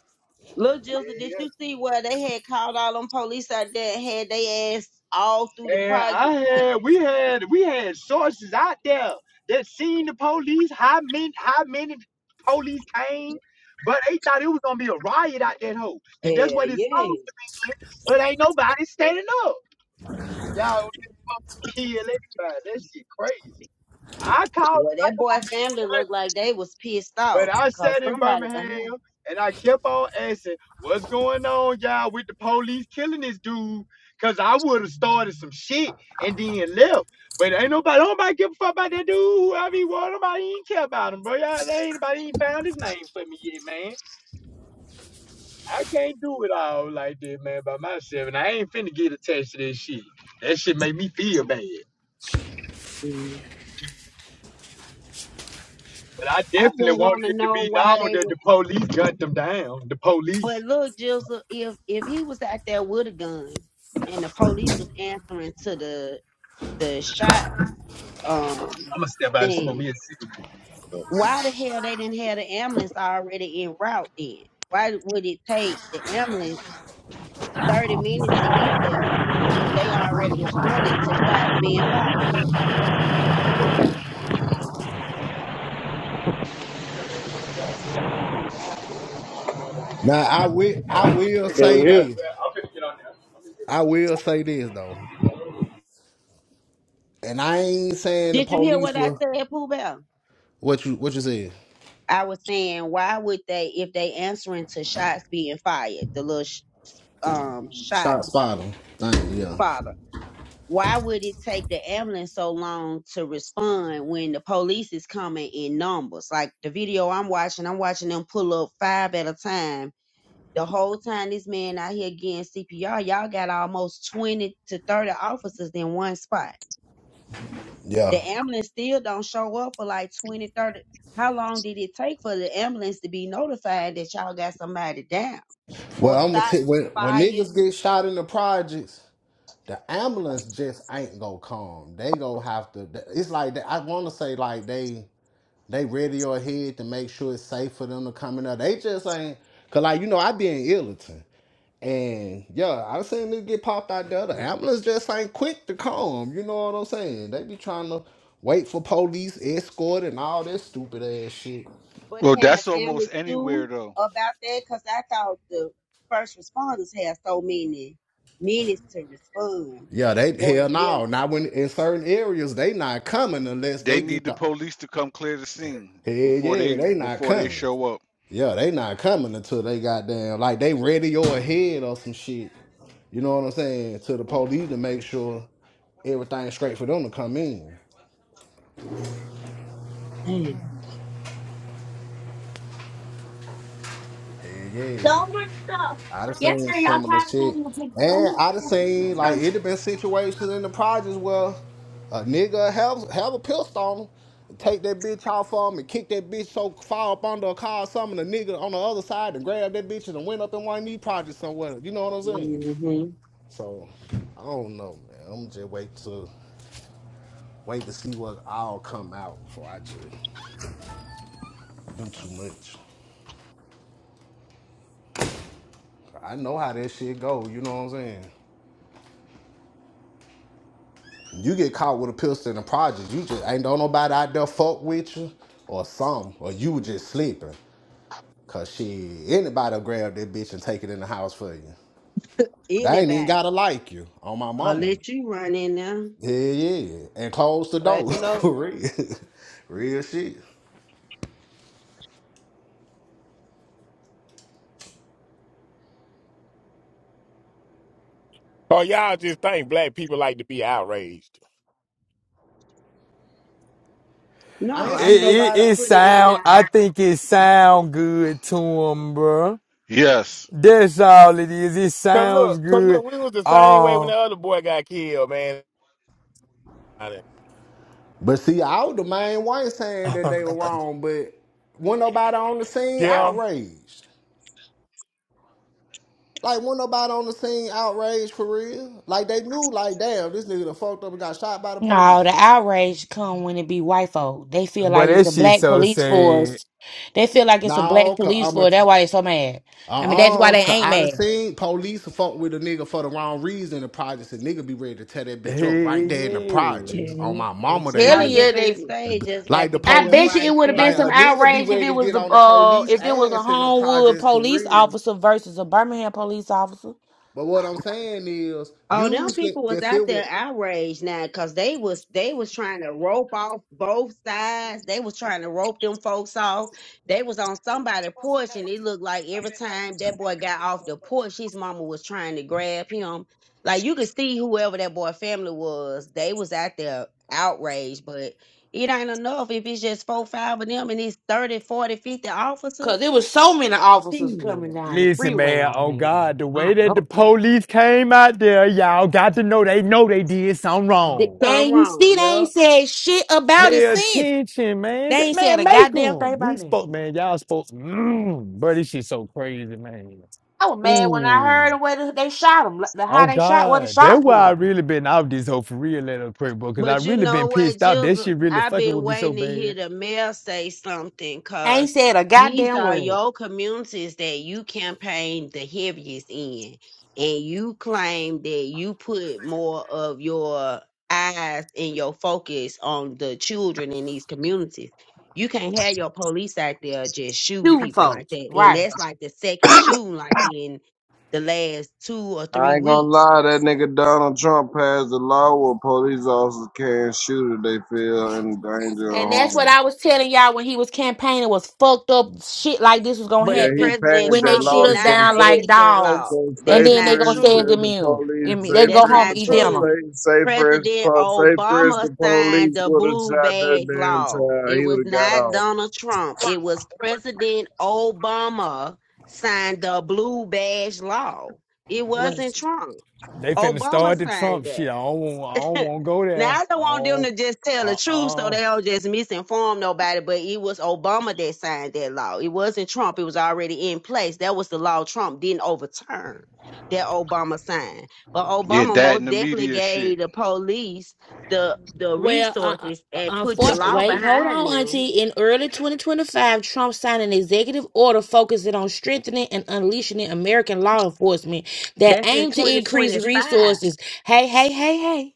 Little Joseph, did Yeah, you see where they had called all them police out there and had they ass all through the And I project? had we had we had sources out there that seen the police, how many how many police came, but they thought it was gonna be a riot out that hole. And that's Hell what it's yeah. supposed to be, but ain't nobody standing up. Y'all kill everybody. That shit crazy. I called Well, that I boy family looked like they was pissed But off I because sat in somebody behind. Birmingham and I kept on asking, what's going on, y'all, with the police killing this dude? Cause I would have started some shit and then left. But ain't nobody nobody give a fuck about that dude, whoever he was, nobody even care about him, bro. Y'all there ain't nobody even found his name for me yet, man. I can't do it all like that, man, by myself. And I ain't finna get attached to this shit. That shit make me feel bad. him. But I I definitely just want wanted to it to know be why known they that was the police gunned them down. The police. But look, Jizzle, if if he was out there with a gun and the police was answering to the the shot um I'm gonna step out and smoke thing, me a cigarette. why the hell they didn't have the ambulance already en route then? Why would it take the ambulance thirty minutes to get there if they already responding to shots being fired? Now I will I will Can you say this. I will say this though. And I ain't saying the Did you hear police what I were said, Pooh Bell? what you what you said. I was saying, why would they, if they answering to shots being fired, the little sh- um shot Stop spotting. Thing, yeah. father? Why would it take the ambulance so long to respond when the police is coming in numbers? Like the video I'm watching, I'm watching them pull up five at a time. The whole time this man out here getting CPR, y'all got almost 20 to 30 officers in one spot. Yeah. The ambulance still don't show up for like 20 30. How long did it take for the ambulance to be notified that y'all got somebody down or Well I'm gonna shots tell was when when fired? niggas get shot in the projects, the ambulance just ain't gonna come. They gonna have to it's like that I wanna say like they they radio ahead to make sure it's safe for them to come in there. They just ain't cause like you know I be in Islington. And yeah, I've seen this get popped out there. The ambulance just ain't quick to come. You know what I'm saying? They be trying to wait for police escort and all this stupid ass shit. But Well, can the that's almost family anywhere sue though. about that? Because I thought the first responders had so many minutes to respond, Yeah, they or hell at no. least Not when in certain areas they not coming unless They they need get the the hell police to come clear the scene before yeah, they they not before they coming. show up. Yeah, they not coming until they goddamn like they radio ahead or some shit. You know what I'm saying? To the police to make sure everything's straight for them to come in. Damn. Hell yeah. so much stuff. I done seen Yesterday, y'all similar tried to tell shit. me to take so And much I done stuff seen like from. it done been situations in the projects where a nigga have have a pistol on him, take that bitch off of him and kick that bitch so far up under a car or something, and the nigga on the other side and grab that bitch and went up in one of these projects somewhere. You know what I'm saying? hmm So I don't know, man. I'm just wait to wait to see what all come out before I just do too much. I know how that shit go, you know what I'm saying? You get caught with a pistol in the project, you just ain't don't nobody out there fuck with you or some, or you was just sleeping. Cause she anybody will grab that bitch and take it in the house for you. They ain't even gotta anybody, like you on my or mama. let you run in there. Yeah, yeah. And close the Glad door. you know. For real. real shit. Oh, y'all just think black people like to be outraged. I It, No, ain't I see think it? nobody. they It put it in sound. I our. think it Y- sound good to him, bro. Yes, That's all it is. It Cause sounds look, cause good. look, we was the same way when Um, the other boy got killed, man. But see, I was the main one saying that they were wrong, but wasn't nobody on the scene yeah, outraged. Like, when nobody on the scene outraged for real. Like, they knew, like, damn, this nigga done fucked up and got shot by the No, police. the outrage come when it be white folk. They feel But like it's that a shit black so police sad. force. They feel like it's a black No, cause police I'm a, force. t- That's why they so mad. I mean, that's why uh-uh, they cause ain't I done mad. seen police fuck with a nigga for the wrong reason in the projects, and nigga be ready to tear that bitch up Hey, right there in the yeah. projects. On Yeah. my I'm mama, they I telling was will. you, up in the they. stage, just Like, got the to be I the police, bet you it right would have been like, some a family. nigga be outrage if it ready to was get a on the uh police if it was a ass in the Homewood projects for police real. officer versus a Birmingham police officer. But what I'm saying is, Oh, them usually, people was if it out was, there outraged now because they was they was trying to rope off both sides. They was trying to rope them folks off. They was on somebody's porch, and it looked like every time that boy got off the porch, his mama was trying to grab him. Like you could see whoever that boy family was, they was out there outraged, but it ain't enough if it's just four, five of them and it's 30, 40, 50 Cause officers. there was so many officers coming Period. down the Listen, freeway man. on Oh that. God, the way I that the know. police came out there, y'all got to know they know they did something The- wrong. Something And you wrong. see, they ain't Yup. said shit about it Pay since. attention, man. They That ain't said man a make goddamn thing them. We about that. spoke, man. Y'all spoke. Mm, bro, this shit so crazy, man. I was mad when I heard Ooh. the way that they shot him, like, the Oh how they shot, what the God. That's shots why I were. really been out this hoe for real, little quick, bro. Cause I But you really know been what, pissed off. That Jill? shit really I've fucking been with me so waiting to bad. hear the mayor say something I ain't because said a these goddamn are word. your communities that you campaigned the heaviest in. And you claim that you put more of your eyes and your focus on the children in these communities. You can't have your police out there just shooting Shooting people like folks, that. And right? that's like the second shooting, like in the last two or I three ain't gonna weeks lie, that nigga Donald Trump passed a law where police officers can't shoot if they feel in danger or And that's harm. what I was telling y'all when he was campaigning was fucked up shit like this was gonna Yeah, But he happen President passed when that they Trump shoot law did us not so down fast. like pass that law. dogs, So and say That's then they not gonna friends say it's to true. the immune. police, Immu- say They can go That's friends home to and not eat po- dinner. say true. say friends to President po- say friends Obama to signed police the would have blue shot that bag damn law. child. It He was would have got not off. Donald Trump. It was President Obama signed the blue badge law. It wasn't Trump. They finna Obama start the signed Trump that. shit. I don't want. I don't want to go Now there. I don't I want them don't. to just tell the Uh truth so uh they don't just misinform nobody, but it was Obama that signed that law. It wasn't Trump. It was already in place. That was the law Trump didn't overturn that Obama signed. But yeah, Obama that and most the definitely media shit. gave the police the the Well, uh, uh, resources uh, and uh, put the for, law wait, hold behind on, them. Auntie. In early 2025, Trump signed an executive order focusing on strengthening and unleashing American law enforcement that That's in aimed to 2025. increase resources. Hey, hey, hey, hey,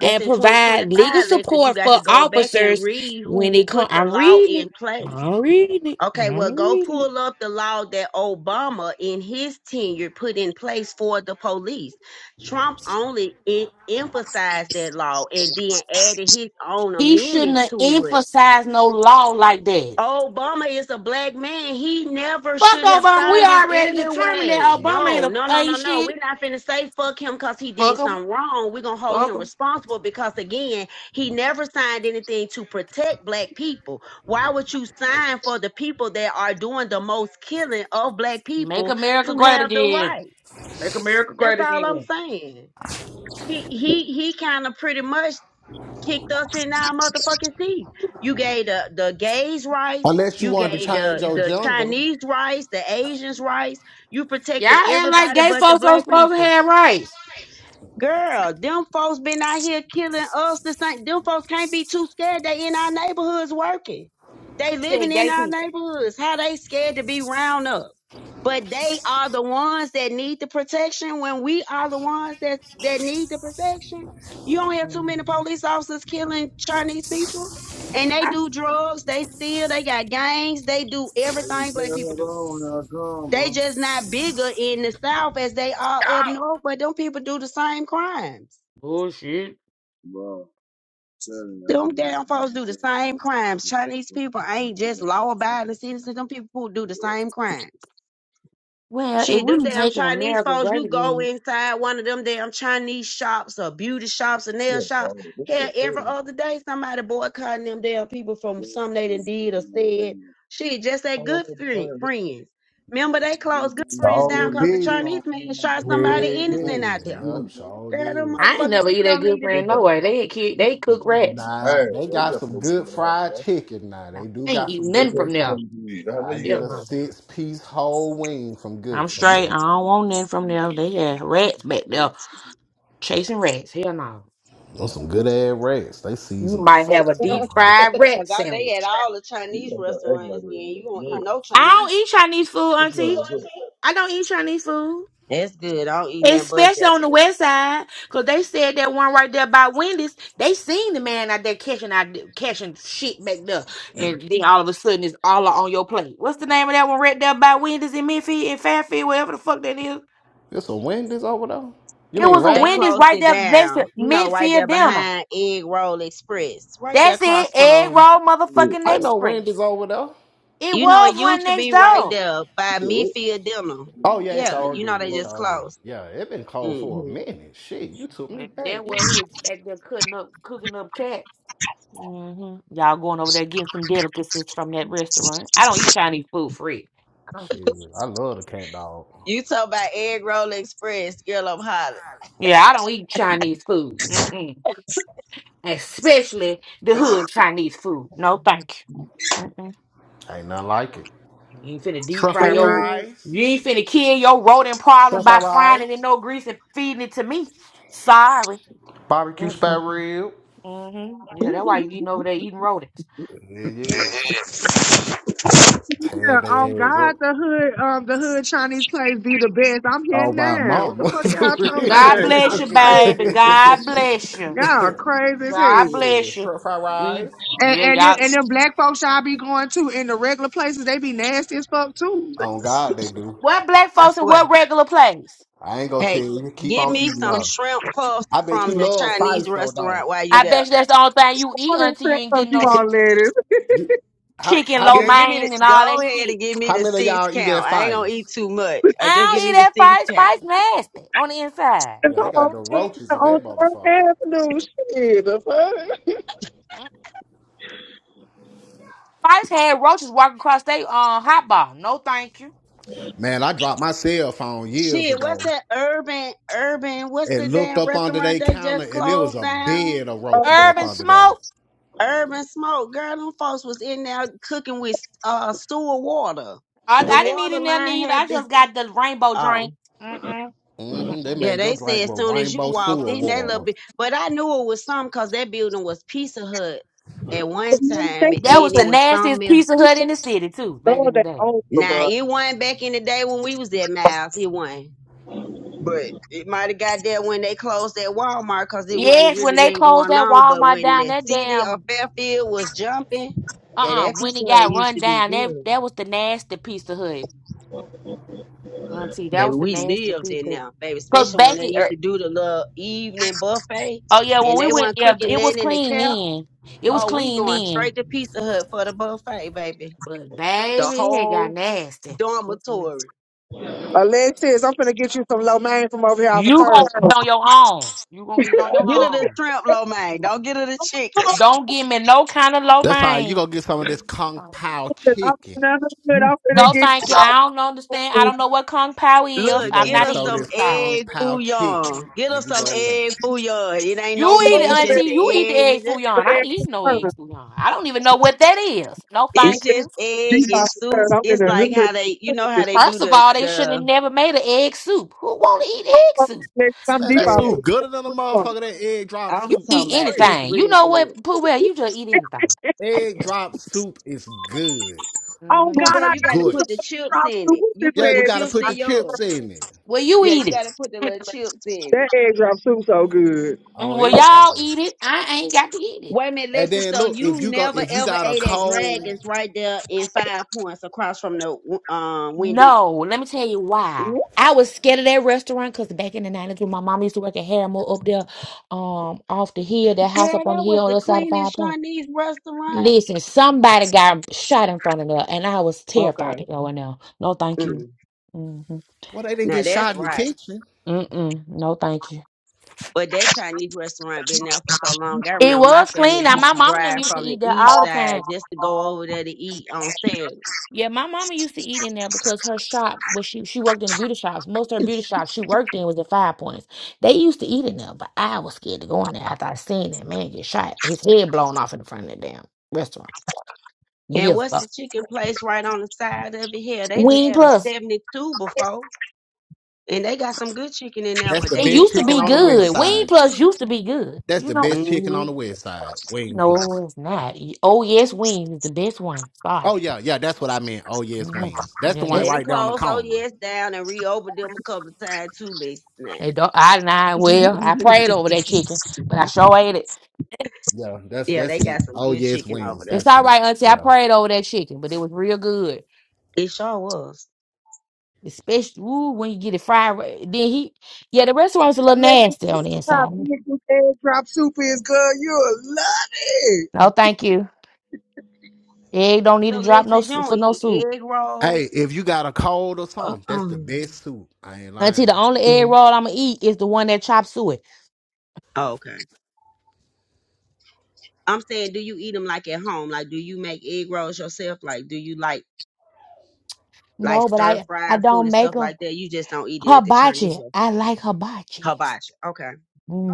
That's in provide legal 2025, Lex, that you support got for to go back and officers read when who they come. put the I'm law reading it. in place I'm reading it. Okay, I'm well, go reading it. pull up the law that Obama in his tenure put in place for the police. Trump only it emphasized that law and then added his own He shouldn't amendments have to it. emphasized no law like that. Obama is a black man. He never Fuck should have Obama. We signed it already determined anyway. that Obama ain't No, a no, no, no, ain't no. shit. We're not finna say fuck him because he Fuck did him. something wrong. We're gonna hold Fuck him him. responsible because again, he never signed anything to protect black people. Why would you sign for the people that are doing the most killing of black Make people America to great have the again. right? Make America That's great all I'm again. saying. He he he kind of pretty much kicked us in our motherfucking seat. You gave the, the gays rights. unless you You wanted to gave change the, your the gender. Chinese rights, the Asians rights. You Y'all protected act like everybody gay but the folks don't black supposed to people. have rights. Girl, them folks been out here killing us. This thing, them folks can't be too scared. They in our neighborhoods working. I They said living in gay our people. neighborhoods. How they scared to be round up? But they are the ones that need the protection when we are the ones that that need the protection. You don't have too many Mm. police officers killing Chinese people. And they I- do drugs, they steal, they got gangs, they do I was everything black telling people her do. on when I come, They bro. just not bigger in the South as they are up north, but them people do the same crimes. Bullshit. Bro, telling you, I Them ain't damn folks responding. do the same I'm telling crimes. you, I'm not Chinese doing people it. I'm ain't doing just it. law I'm abiding not citizens. Them people who do the doing it. same crimes. Well, if Shit, we them damn making Chinese America folks, great you go again, inside one of them damn Chinese shops or beauty shops or nail Yeah, shops. bro. This is a Hell, every prison. other day somebody boycotting them damn people from Yeah, something they this done is did or my said. man. Shit, just How that long good they been friend, here? friends. Man, Remember they I've been closed good going friends out down Sure getting because the money. No, did. Chinese I'm man not shot doing Hell it. I'm somebody innocent going to yeah. out the there. tribunal, yep, man. sure Girl, them did. I'm I ain't motherfucking never not eat people doing that don't good need to friend be. it. no way. They ki- Hey, they cook rats. Nah, well, they you got got some no weed in good the house, fried man. chicken now. I They do ain't got You some eating can good. nothing tell me from when there. you can weed. I know I you Yeah, get got a some. no. six piece whole wing from Good I'm Friends. straight. I don't want nothing from there. They had rats back there chasing rats. Hell no. Those some good ass rats. They You season the might fuck have a out deep them rice. fried rat Because they had sandwich. all the You Chinese gotta start acting like restaurants, then that. you You won't know, eat no I don't Chinese. eat Chinese food, it's not Auntie. even good. I don't eat Chinese food. That's good. I don't eat that but Especially on the Japanese. west side, because they said that one right there by Wendy's, they seen the man out there catching out catching shit back there. And then all of a sudden it's all on your plate. What's the name of that one right there by Wendy's in Midfield in Fairfield, wherever the fuck that is? There's some Wendy's over there? You It Hmm. mean was a They Wendy's Radley's? closed right it there next to down, you know, right Midfield there Dinner. behind Egg Roll Express, right there That's it. across Egg from, roll Yeah, motherfucking I know Wendy's express. over there. It you know, was it one used to next be right door. there by yeah, Mefield Dental. Oh yeah, it Yeah, sure you know, did. they It just sure did. closed Yeah, it been cold it. for a hmm minute. Shit, you took me Well, back, that was man. who was back there cutting up cooking up cats. hmm Y'all going over there getting some delicacies from that restaurant. I don't eat Chinese food free. Shit, I love the cat dog. You talk about Egg Roll Express, girl, I'm hollering. Yeah, I don't eat Chinese food. Mm-mm. Especially the hood Chinese food. No, thank you. Mm-mm. Ain't nothing like it. You ain't finna deep Truffle fry your. Mm. rice, You ain't finna kill your rodent problem truffle by frying it in rice, no grease and feeding it to me. Sorry. barbecue spare Mm-mm. rib. Mm-hmm. Yeah, that's why you eating over there eating rodents. Yeah, yeah. Tear Yeah, um, their ass God, up. the hood, um, the hood Chinese place be the best. I'm here Oh my now. What the mama, fuck for y'all talking real. about? God bless Y'all you, baby. crazy. God bless you. Y'all crazy as God hell. bless Shit, you. truffle We, rice. And yeah, and then, y'all. and then black folks y'all be going to in the regular places. They be nasty as fuck too. Oh God, they do. What black I folks in swear. what regular place? I ain't gonna tell Hey, you. Keep get on me eating some up. shrimp puffs I bet you from the love Chinese fives though, don't restaurant while you I there. bet you that's the only thing you eat All them until you sex ain't stuff getting you no sh- want ladies. you? You- How chicken, how lo many Girl, give me the mein, and all go that ahead shit. and give me how the many of six y'all eat at count. I ain't gonna eat fives? too much. I Uh, just give don't eat me the six that spice. count. Spice nasty on the inside. It's Yeah, they all got the Okay. roaches in on that Thursday motherfucker. afternoon. Shit, the fuck. Spice had roaches walking across their uh, hot bar. No, thank you. Man, I dropped my cell phone years Shit, what's ago. that urban urban? What's the and looked damn up under restaurant their they counter, just and there was closed a down? bed of Uh, roaches up Urban under them. smoke. Urban Smoke, girl, them folks was in there cooking with uh sewer water. I, The I didn't eat water in there line neither. I had been. just got the rainbow Oh, drink. Mm-mm, hmm They mm-mm. yeah, made your they said drink as with soon as you rainbow walked sewer in that little water. bit, but I knew it was something because that building was Pizza Hut at one time, and take That was then Oprah. it the was nastiest something. else. pizza hut in the city too, back Love in the that day. Oprah, Now bro. it wasn't back in the day when we was at Miles. It wasn't. But it might have got there when they closed that Walmart because it wasn't Yes, when really they nothing closed going that on. But Walmart when down, the that city damn of Fairfield was jumping, yeah, Uh-uh. that When pizza he Hut got used run to be down, that good. that was the nasty piece of hood. Mm, Auntie, that Baby, was the we nasty lived piece in of there, baby, Because especially when they Becky, used er, to do the little evening buffet oh yeah, when and we they went, weren't yeah, cooking it was nothing in the clean cab. then. It was Oh, we clean going then. straight to Pizza Hut for the buffet, baby. But The baby, it got whole nasty. Mm-mm. dormitory. Alexis, I'm finna get you some low main from over here off of You gonna third. eat it on your own. You gonna eat it on your Get her the own. shrimp lo mein. Mm. Don't get her the chicken. I'm Don't give me no kind of low That's how you main. gonna get some of this kung pao finna, I'm chicken. finna I'm what? finna No, get you thank you. I don't some understand. I low don't know what Kung Pao is. You Look, I'm gonna get get not us some of eating some it. this Sorry. kung egg pao chicken, bouillon. Get and us you some gonna love it. egg bouillon. It ain't You no eat it, meat. It's Auntie. main just the You from eat the egg egg. over fouillon. I ain't here. eat no egg fouillon. I don't even know what that is. No, It's thank you. just Deep egg and off of third. soup. I'm in It's the like hood. how they, you know, how Just they do First of the all, they shouldn't have the never made an egg soup. Who want to eat egg fuck, soup? nigga, I'm Man, deep that off girl. soup of gooder than a third. motherfucker. That egg drop I'm You soup, eat talking you about. tripping? It's anything. You real know good. what, Pooh? You just eat anything. Egg drop soup is good. Oh hmm Pooh God, Bear, It's I you got got to you good. some put the egg chips drop in soup. it. What You this Yeah, put the you egg? gotta chips put the in yours. chips in it Well, you Yeah, you eat got it. to put the little chips in it. That egg drop soup so good. Mm, on Well, everything. y'all eat it. I ain't got to eat it. Wait a minute, And Lexi. then So look, you if you go, never if you ever got a ate at cold Dragons right there in Five Points across from the um Wendy's. No, let me tell you why. I was scared of that restaurant because back in the 90s when my mom used to work at Harriman up there um, off the hill, that house Girl, up on the that hill was on the the other side of Five cleanest Points. Chinese restaurant. Listen, somebody got shot in front of there, and I was terrified Okay. to go in there. No, thank you. Mm. hmm Well, they didn't Now get that's shot in the right. kitchen. Mm-mm. No, thank you. But that Chinese restaurant been there for so long. I It remember my was family clean. Now used my to mama and them drive used to from the eat there east all the time. side just to go over there to eat on Saturday. Yeah, my mama used to eat in there because her shop was she she worked in the beauty shops. Most of her beauty shops she worked in was at Five Points. They used to eat in there, but I was scared to go in there after I seen that man get shot, his head blown off in front of that damn restaurant And years what's ago. the chicken place right on the side of it here? They done Wing had a Plus, 72 before. And they got some good chicken in there, That's but the they it didn't best used to chicken show be on the had them a good. west Wing side. Plus 72. used to be good. That's You the know, best chicken on Mm-hmm. the west side. Wing No, plus. it's not. Y- Oh, yes, wings is the best one. Sorry. Oh yeah, yeah, that's what I meant. Oh yes, Mhm. wings. That's the Yeah, one They that's done right down the closed oh corner. yes down and reopened them a couple of times too, Lisa. Now. they don't. I not well. I prayed over that chicken, but I sure ate it. Yeah, that's Yeah, that's they it. got some Oh good yes, chicken over wings. there. It's That's all it. right, Auntie. I Yeah. prayed over that chicken, but it was real good. It sure was. Especially ooh, when you get it fried. ri- Then he, yeah, the restaurant's a little Unless you nasty on the how inside. big this egg drop soup is, girl, you'll love it. No, thank you. Egg don't need to So drop no Lexus, you s- don't for no eat soup. egg Hey, rolls? if you got a cold or Uh, something, that's the um, best soup. I ain't lying. Auntie, the only egg yeah. roll I'ma eat is the one that chop suey. Oh, okay. I'm saying, do you eat them like at home? Like, do you make egg rolls yourself? Like, do you like like No, but stir I I fried food don't and make stuff them like that? You just don't eat it at the Chinese hibachi. I restaurant. like hibachi. Hibachi. Okay.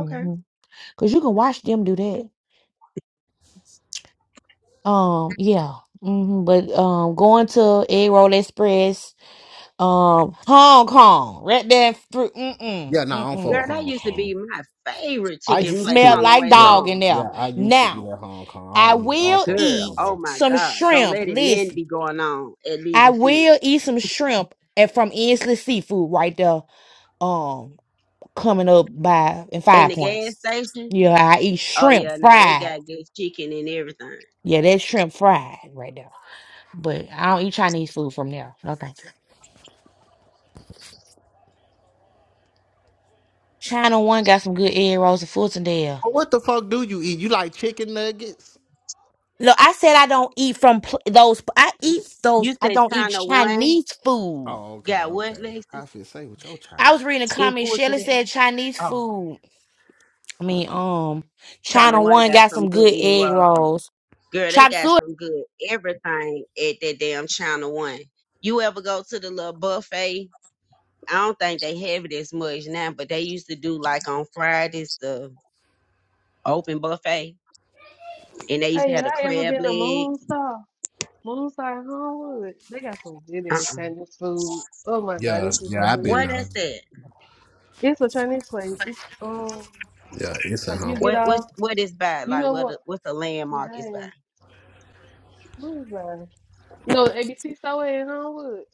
Okay. Cause you can watch them do that. Um, yeah. hmm But um, going to Egg Roll Express, um, Hong Kong, right there through. Mm-mm, Yeah, no, nah, I'm mm-mm. for Girl, that Hong used to Kong. be my favorite I It chicken used place smelled on to. the like way Yeah, dog in home. there. yeah, I used to eat Now at Hong Kong. I I don't eat. I don't will fuck with it Girl, no eat oh more. my some God. Don't shrimp. let it none Listen, be going on at I Leisure Field. will eat some shrimp and from Inslee Seafood right there. Um, coming up by in In Five the gas Points. station, Yeah, I eat Oh shrimp yeah, now they fried. got good chicken and everything. Yeah, that's shrimp fried right there. But I don't eat Chinese food from there. No thank you. China One got some good egg rolls and Fultondale. But what the fuck do you eat? You like chicken nuggets? No, I said I don't eat from pl- those. I eat You those. I said don't eat China One Chinese food. Oh, okay, got what, okay. Lexus? I feel say with your I child. was reading a comment. Shelly Unfortunate. said Chinese Oh, food. I mean, um, China China One One got got some some good good egg egg rolls. and- rolls. Girl, they Chop got suey. some good everything at that damn China One. You ever go to the little buffet? I don't think they have it as much now, but they used to do like on Fridays the open buffet, and they used to Hey, have y'all the ever crab been to legs. Moonstar? Moonstar in Homewood. They got some good Uh ass uh Chinese food. Oh my God, Yeah, this is so yeah, I've been What good. uh is that? It's a Chinese place. It's, um, yeah, it's at like you home. get What what off, what is by? you Like know what what? a- what's a landmark is by? Dang, what is that? You know, the ABC store in Homewood.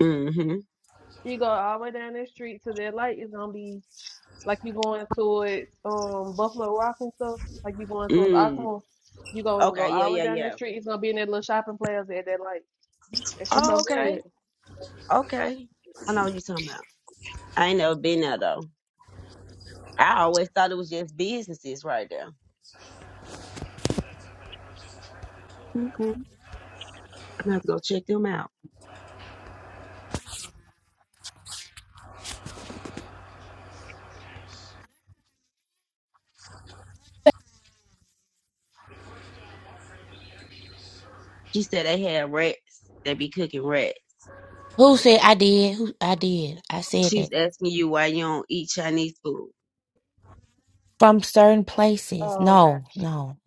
Mm-hmm. You go all the way down that street to that light. It's gonna be like you going towards um Buffalo Rock and stuff. Like you going towards Mm. Oklahoma. You gonna go Okay. all Yeah. the way Yeah. down that Yeah. street. It's gonna be in that little shopping plaza at that light. That shit's so Oh, okay. good. Okay. I know what you're talking about. I ain't never been there though. I always thought it was just businesses right there. Okay. I'm gonna have to go check them out. She said they had rats. They be cooking rats. Who So said I did? Who I did? I said She was that asking you why you don't eat Chinese food. from certain places. Oh, okay. No, no.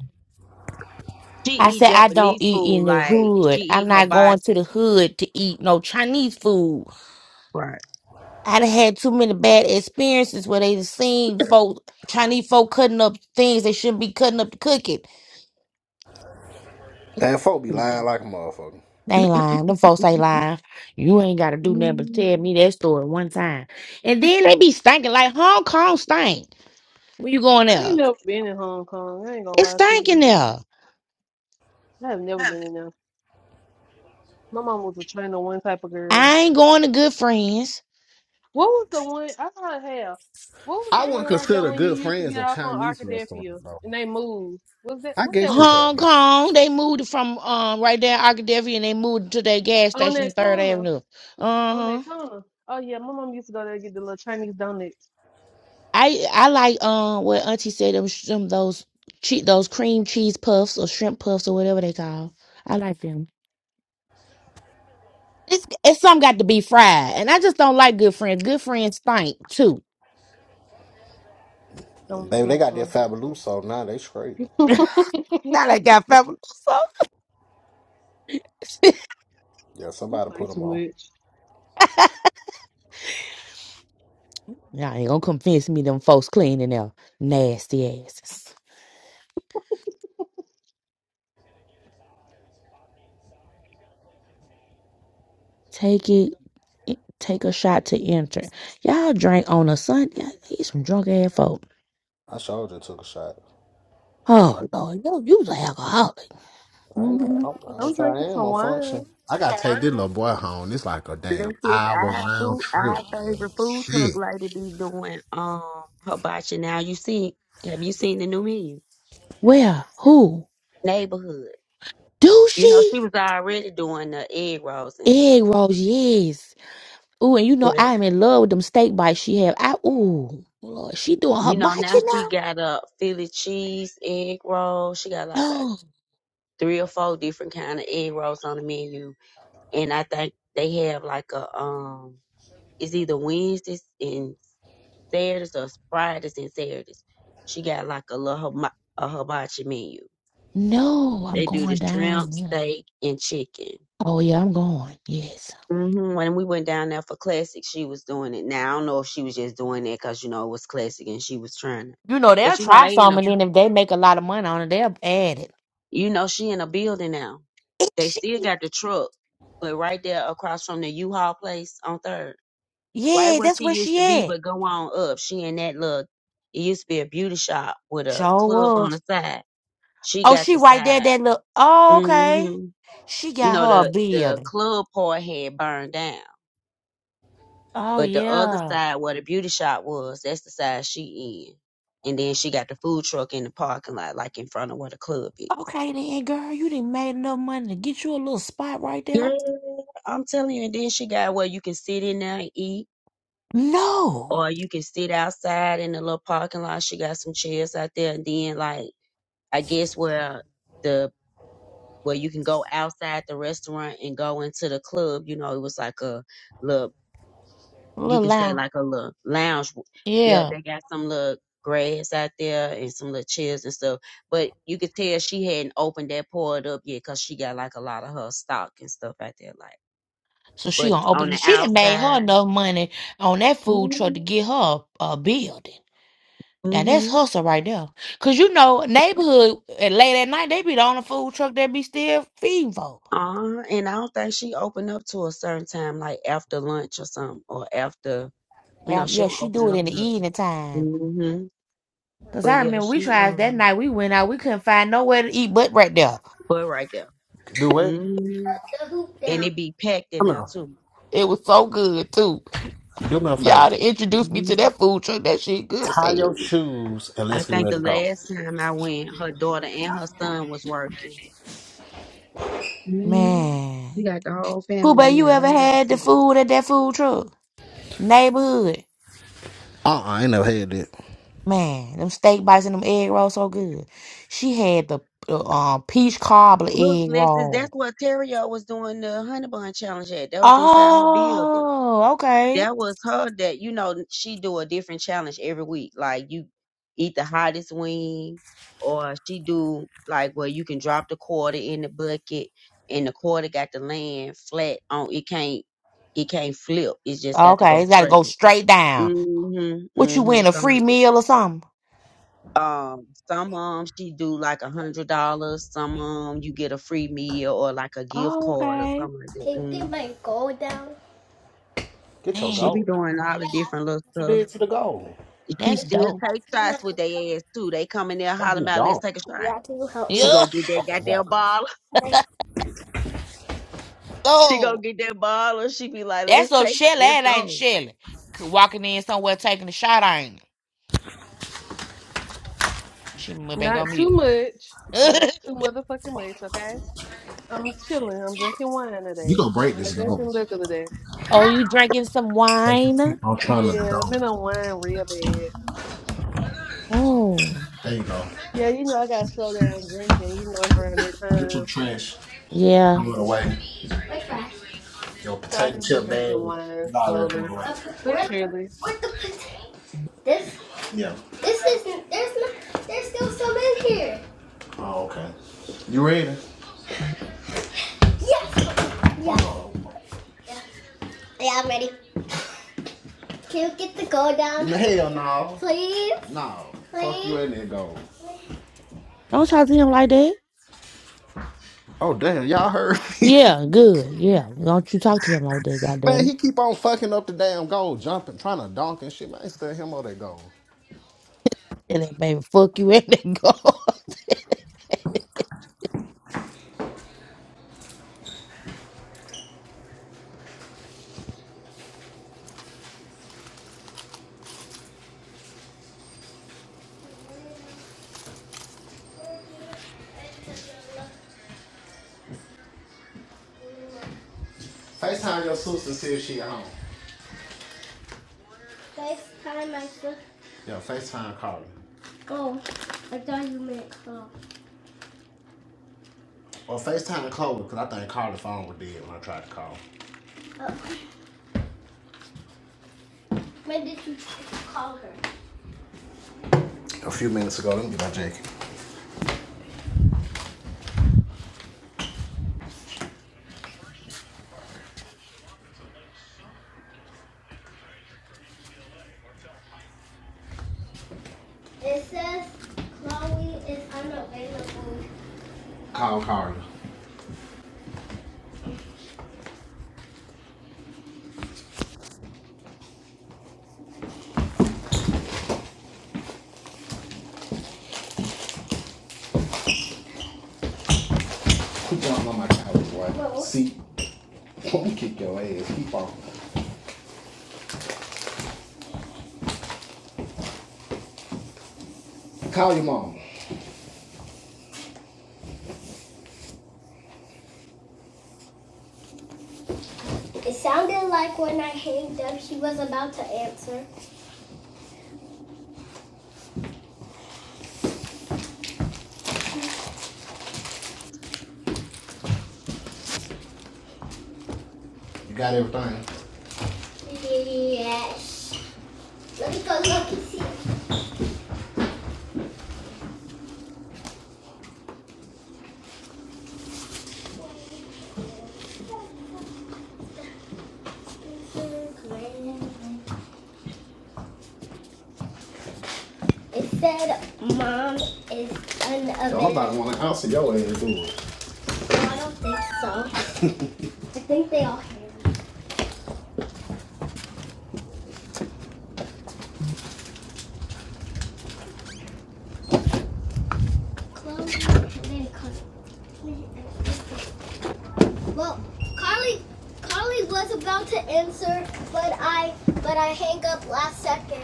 She I eat said I don't Japanese eat food in the like she hood. I'm eat not going to hibachi. the hood to eat no Chinese food. Right. I done had too many bad experiences where they seen folk Chinese folk cutting up things they shouldn't be cutting up to cook it. Damn, folk be lying like a motherfucker. They ain't lying. Them folks ain't lying. You ain't gotta do nothing but Mm. tell me that story one time. And then they be stinking like Hong Kong stink. When you going I ain't there? never been in Hong Kong. I ain't gonna It's lie to you. stinking there. I have never been in there. My mom was a China one type of girl. I ain't going to good friends. What was the one I thought hell? What was I the wouldn't one right there consider when you good used to friends get a off on Chinese restaurant Arkadelphia though. and they moved? Was that I what that guess you can. was? Hong Kong, they moved it from um right there in Arkadelphia and they moved it to that gas On station on that Third corner. Avenue. On Uh-huh. that corner. Oh yeah, my mom used to go there and get the little Chinese donuts. I I like um what Auntie said them, sh- them those che- those cream cheese puffs or shrimp puffs or whatever they call. I like them. It's it's some got to be fried, and I just don't like good friends. Good friends stink too. Um, Baby, they got that mm, Fabuloso on now. They straight. mm. Now they got fabulous. So Yeah, you somebody play put too them on. much. Y'all ain't gonna convince me them folks cleaning their nasty asses. Take it, eh, take a shot to enter. Y'all drink on a Sunday. These some drunk ass folk. I showed you took a shot. Oh Lord, you you an alcoholic. I know. I Mhm. don't know I'm if drinking I am. some I'm wine. functioning. I gotta take this little boy home. It's like a damn Lexus, hour I have round food. I trip, have man. favorite food truck Shit. lady be doing um hibachi now. You see, have you seen the new menu? Where? Who? Neighborhood. Do You know, she? she was already doing the egg rolls and stuff, Egg rolls, yes. Ooh, and you know but I am in love with them steak bites she have. I ooh, Lord, she doing her you know bites, now you she know? got a Philly cheese egg roll. She got like about No, three or four different kind of egg rolls on the menu, and I think they have like a um, it's either Wednesdays and Saturdays or Fridays and Saturdays. She got like a little hiba- a hibachi menu no, I'm They do the going shrimp, down. Yeah. steak, and chicken. Oh yeah, I'm going. Yes. hmm When we went down there for classic, she was doing it. Now I don't know if she was just doing it because you know it was classic and she was trying to. You know they'll But you know try they in some, a, and then if they make a lot of money on it, they'll add it. you know she in a building now. Is They she? still got the truck, but right there across from the U-Haul place on Third, right Yeah, where that's she where used she to be. at. But go on up, she in that look. It used to be a beauty shop with a Sure club on the was. side. She Oh, got she the right there. side. That look. Oh, okay. hmm She You got know her a the the building. club part had burned down Oh But the other yeah. side where the beauty shop was, that's the side she in. And then she got the food truck in the parking lot, like in front of where the club is. Okay then, girl, you didn't made enough money to get you a little spot right there. Girl, I'm telling you, and then she got where you can sit in there and eat, No, or you can sit outside in the little parking lot. She got some chairs out there, and then like I guess where the where you can go outside the restaurant and go into the club. You know, it was like a little you little could say Al. like a little lounge. Yep, Yeah. they got some little grass out there and some little chairs and stuff. But you could tell she hadn't opened that part up yet because she got like a lot of her stock and stuff out there. Like, So she but gonna on open. the She done made her outside, enough money on that food truck mm-hmm. to get her a, a building. Now that's hustle right there. Cause you know neighborhood at late at night they be the only food truck that be still feeding folk. uh, and I don't think she opened up to a certain time, like after lunch or something, or after you Well, know she yeah, don't she do open it up in the to. it. evening time. hmm Cause But I yeah, remember we she tried that um, night. We went out. We couldn't find nowhere to eat but right there. but right there, Do what? hmm Come and it be packed in there on. too. It was so good too. Do me a favor. Y'all to introduce me Mm-hmm. to that food truck. That shit good as Tie hell. your shoes and I let's get think ready the to go. last time I went, her daughter and her son was working. mm Man. She got the whole family Kool-Bay, in you there. I ever love to had see the it. food at that food truck? Neighborhood. Uh uh I ain't never had that. Man, them steak bites and them egg rolls so good. She had the the, um peach cobbler Look, egg Lexus, that's roll. what Terrio was doing the honey bun challenge at. That was inside her building. Oh, okay. That was her that you know she do a different challenge every week. Like you eat the hottest wing, or she do like where you can drop the quarter in the bucket, and the quarter got to land flat on. It can't it can't flip. It's just got to Okay, go it's gotta straight. go straight down. Mhm, What you mhm. win, a something free like that. meal or something? Um, some um she do like a hundred dollars. Some um you get a free meal or like a gift Oh, card or okay. something like that. Can you get Mm. my gold down? Get your She Man, be gold doing down. all the Yeah. different little What you stuff. did to the gold? She I that's don't still dope. take ask me not shots to with come. their ass too. They come in there What hollering you about let's done? take a You shot. have to help She me. Yeah. go get that Okay, here I goddamn come. bottle. Okay. She go Oh, get that bottle. She be like that's let's so take it. Shelly. Let's That ain't go. Shelly. C- Walking in somewhere taking a shot, ain't it? She went back on Not too mute. much. Not oh, too motherfucking much, okay? I'm chilling. I'm drinking wine today. You gonna break I'm this not drinking gold. liquor today. How? you drinking some wine? I'm trying to Yeah, I'm dunk. in a wine real bad. Oh, There you go. Yeah, you know I gotta slow down drinking. You know it's around that Get your time, trash. yeah. Throw it away. My trash. Yo, so I potato just been chip drinking bag. wine Nah, there's no way. slowly but Where's the, surely. the potato? This, Yeah. this isn't, there's not, there's still some in here. Oh, okay. You ready? Yes! Yes. Oh. Yeah, I'm ready. Can you get the gold down, Hell no. please? No. Please? Fuck you in there gold. Don't talk to him like that. Oh damn, y'all heard me. Yeah, good. Yeah. Don't you talk to him like that, man, goddamn it. he keep on fucking up the damn goal, jumping, trying to dunk and shit. Man, I ain't still him on that goal. And that baby fuck you and that go. FaceTime your sister see if she at home. FaceTime my sister. Yeah, FaceTime Carly. Oh, I thought you meant Chloe. Or FaceTime Chloe, because I think Carly's phone was dead when I tried to call. Oh, when did you call her? A few minutes ago, let me get my jacket. It says Chloe is unavailable. Call Carly. Quit jumping on my towel, boy. Whoa. See? Let me kick your ass. Keep on. Call your mom. It sounded like when I hanged up, she was about to answer. You got everything? Yes. Let me go look and see. It said it's an event. Y'all about to want to house of y'all ain't doing. it. No, I don't think so. I think they all have clothes. and then cosmetics. Well, Carly, Carly was about to answer, but I, but I hang up last second.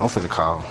I'm finna call.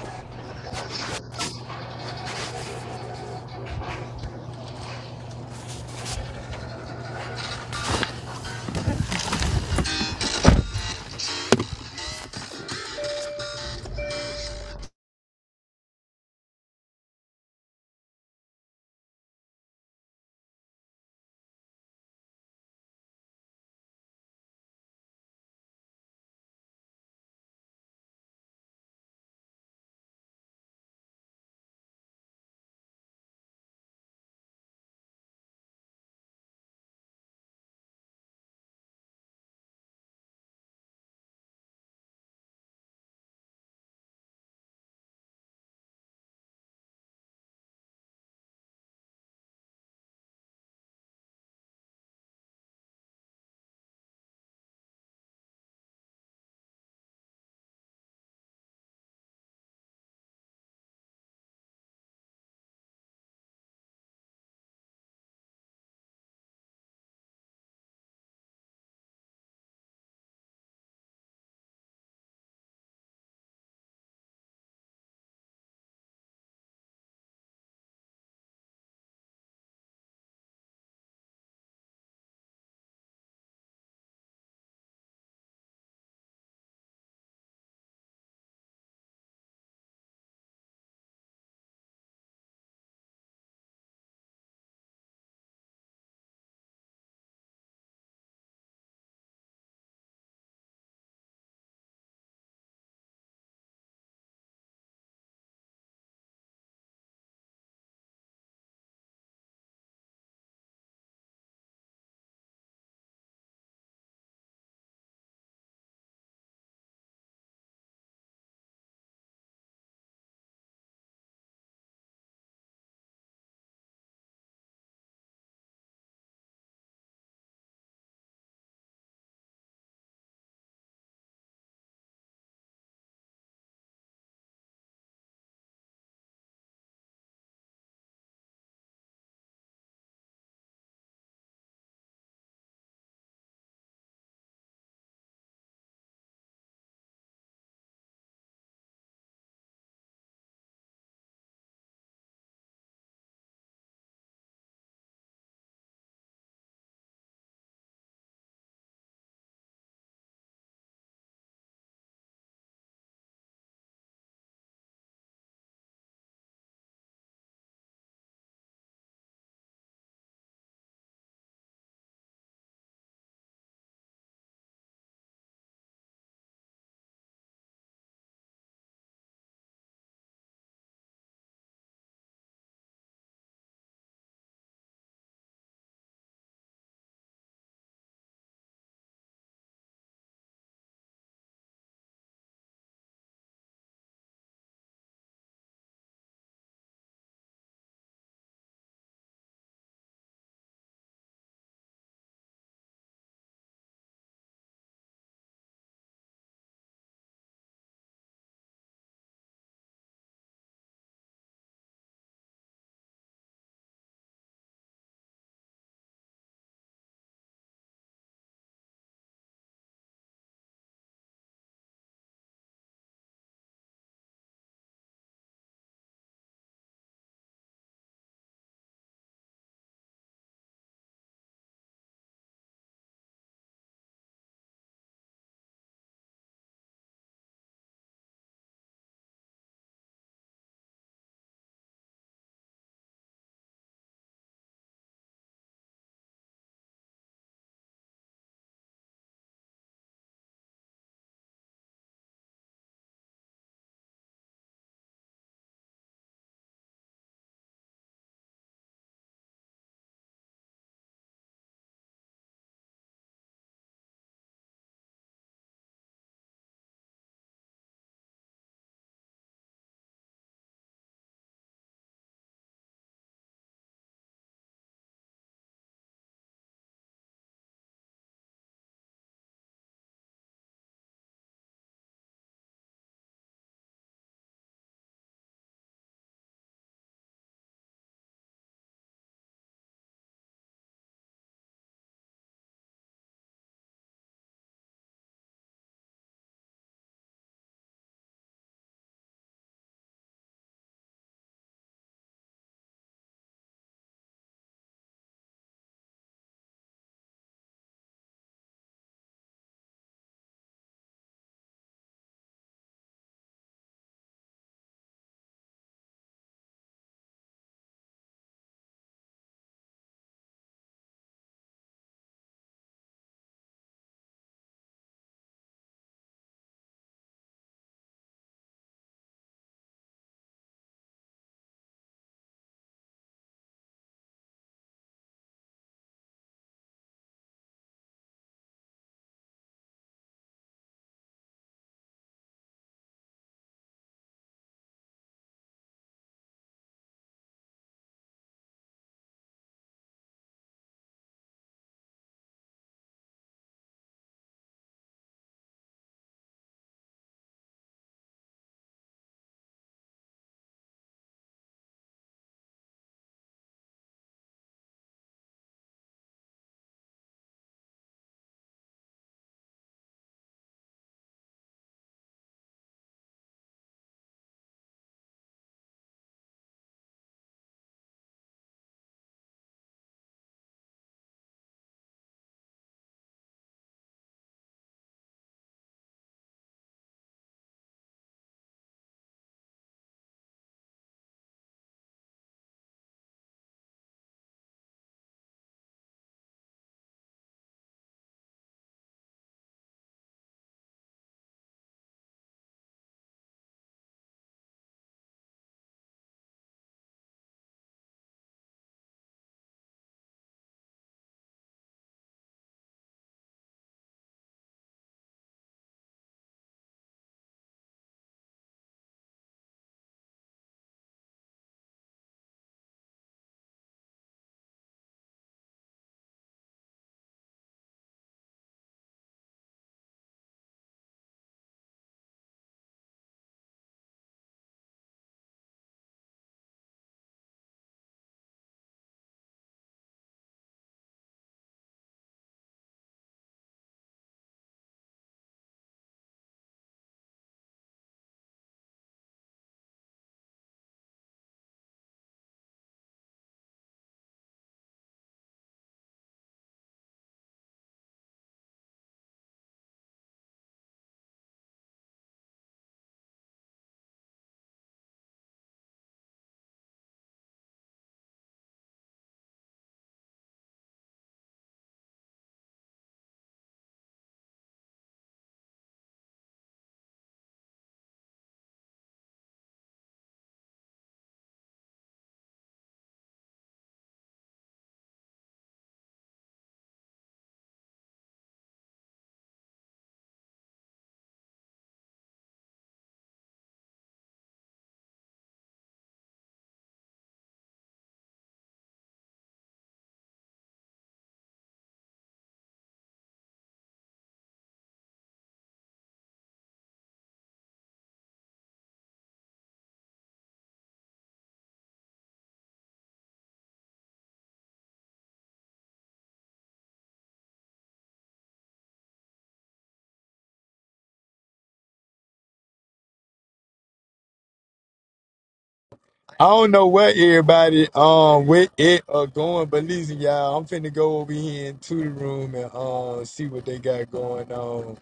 I don't know where everybody um with it are going, but listen, y'all, I'm finna go over here into the room and um see what they got going on.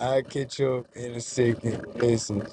I will catch up in a second. Listen.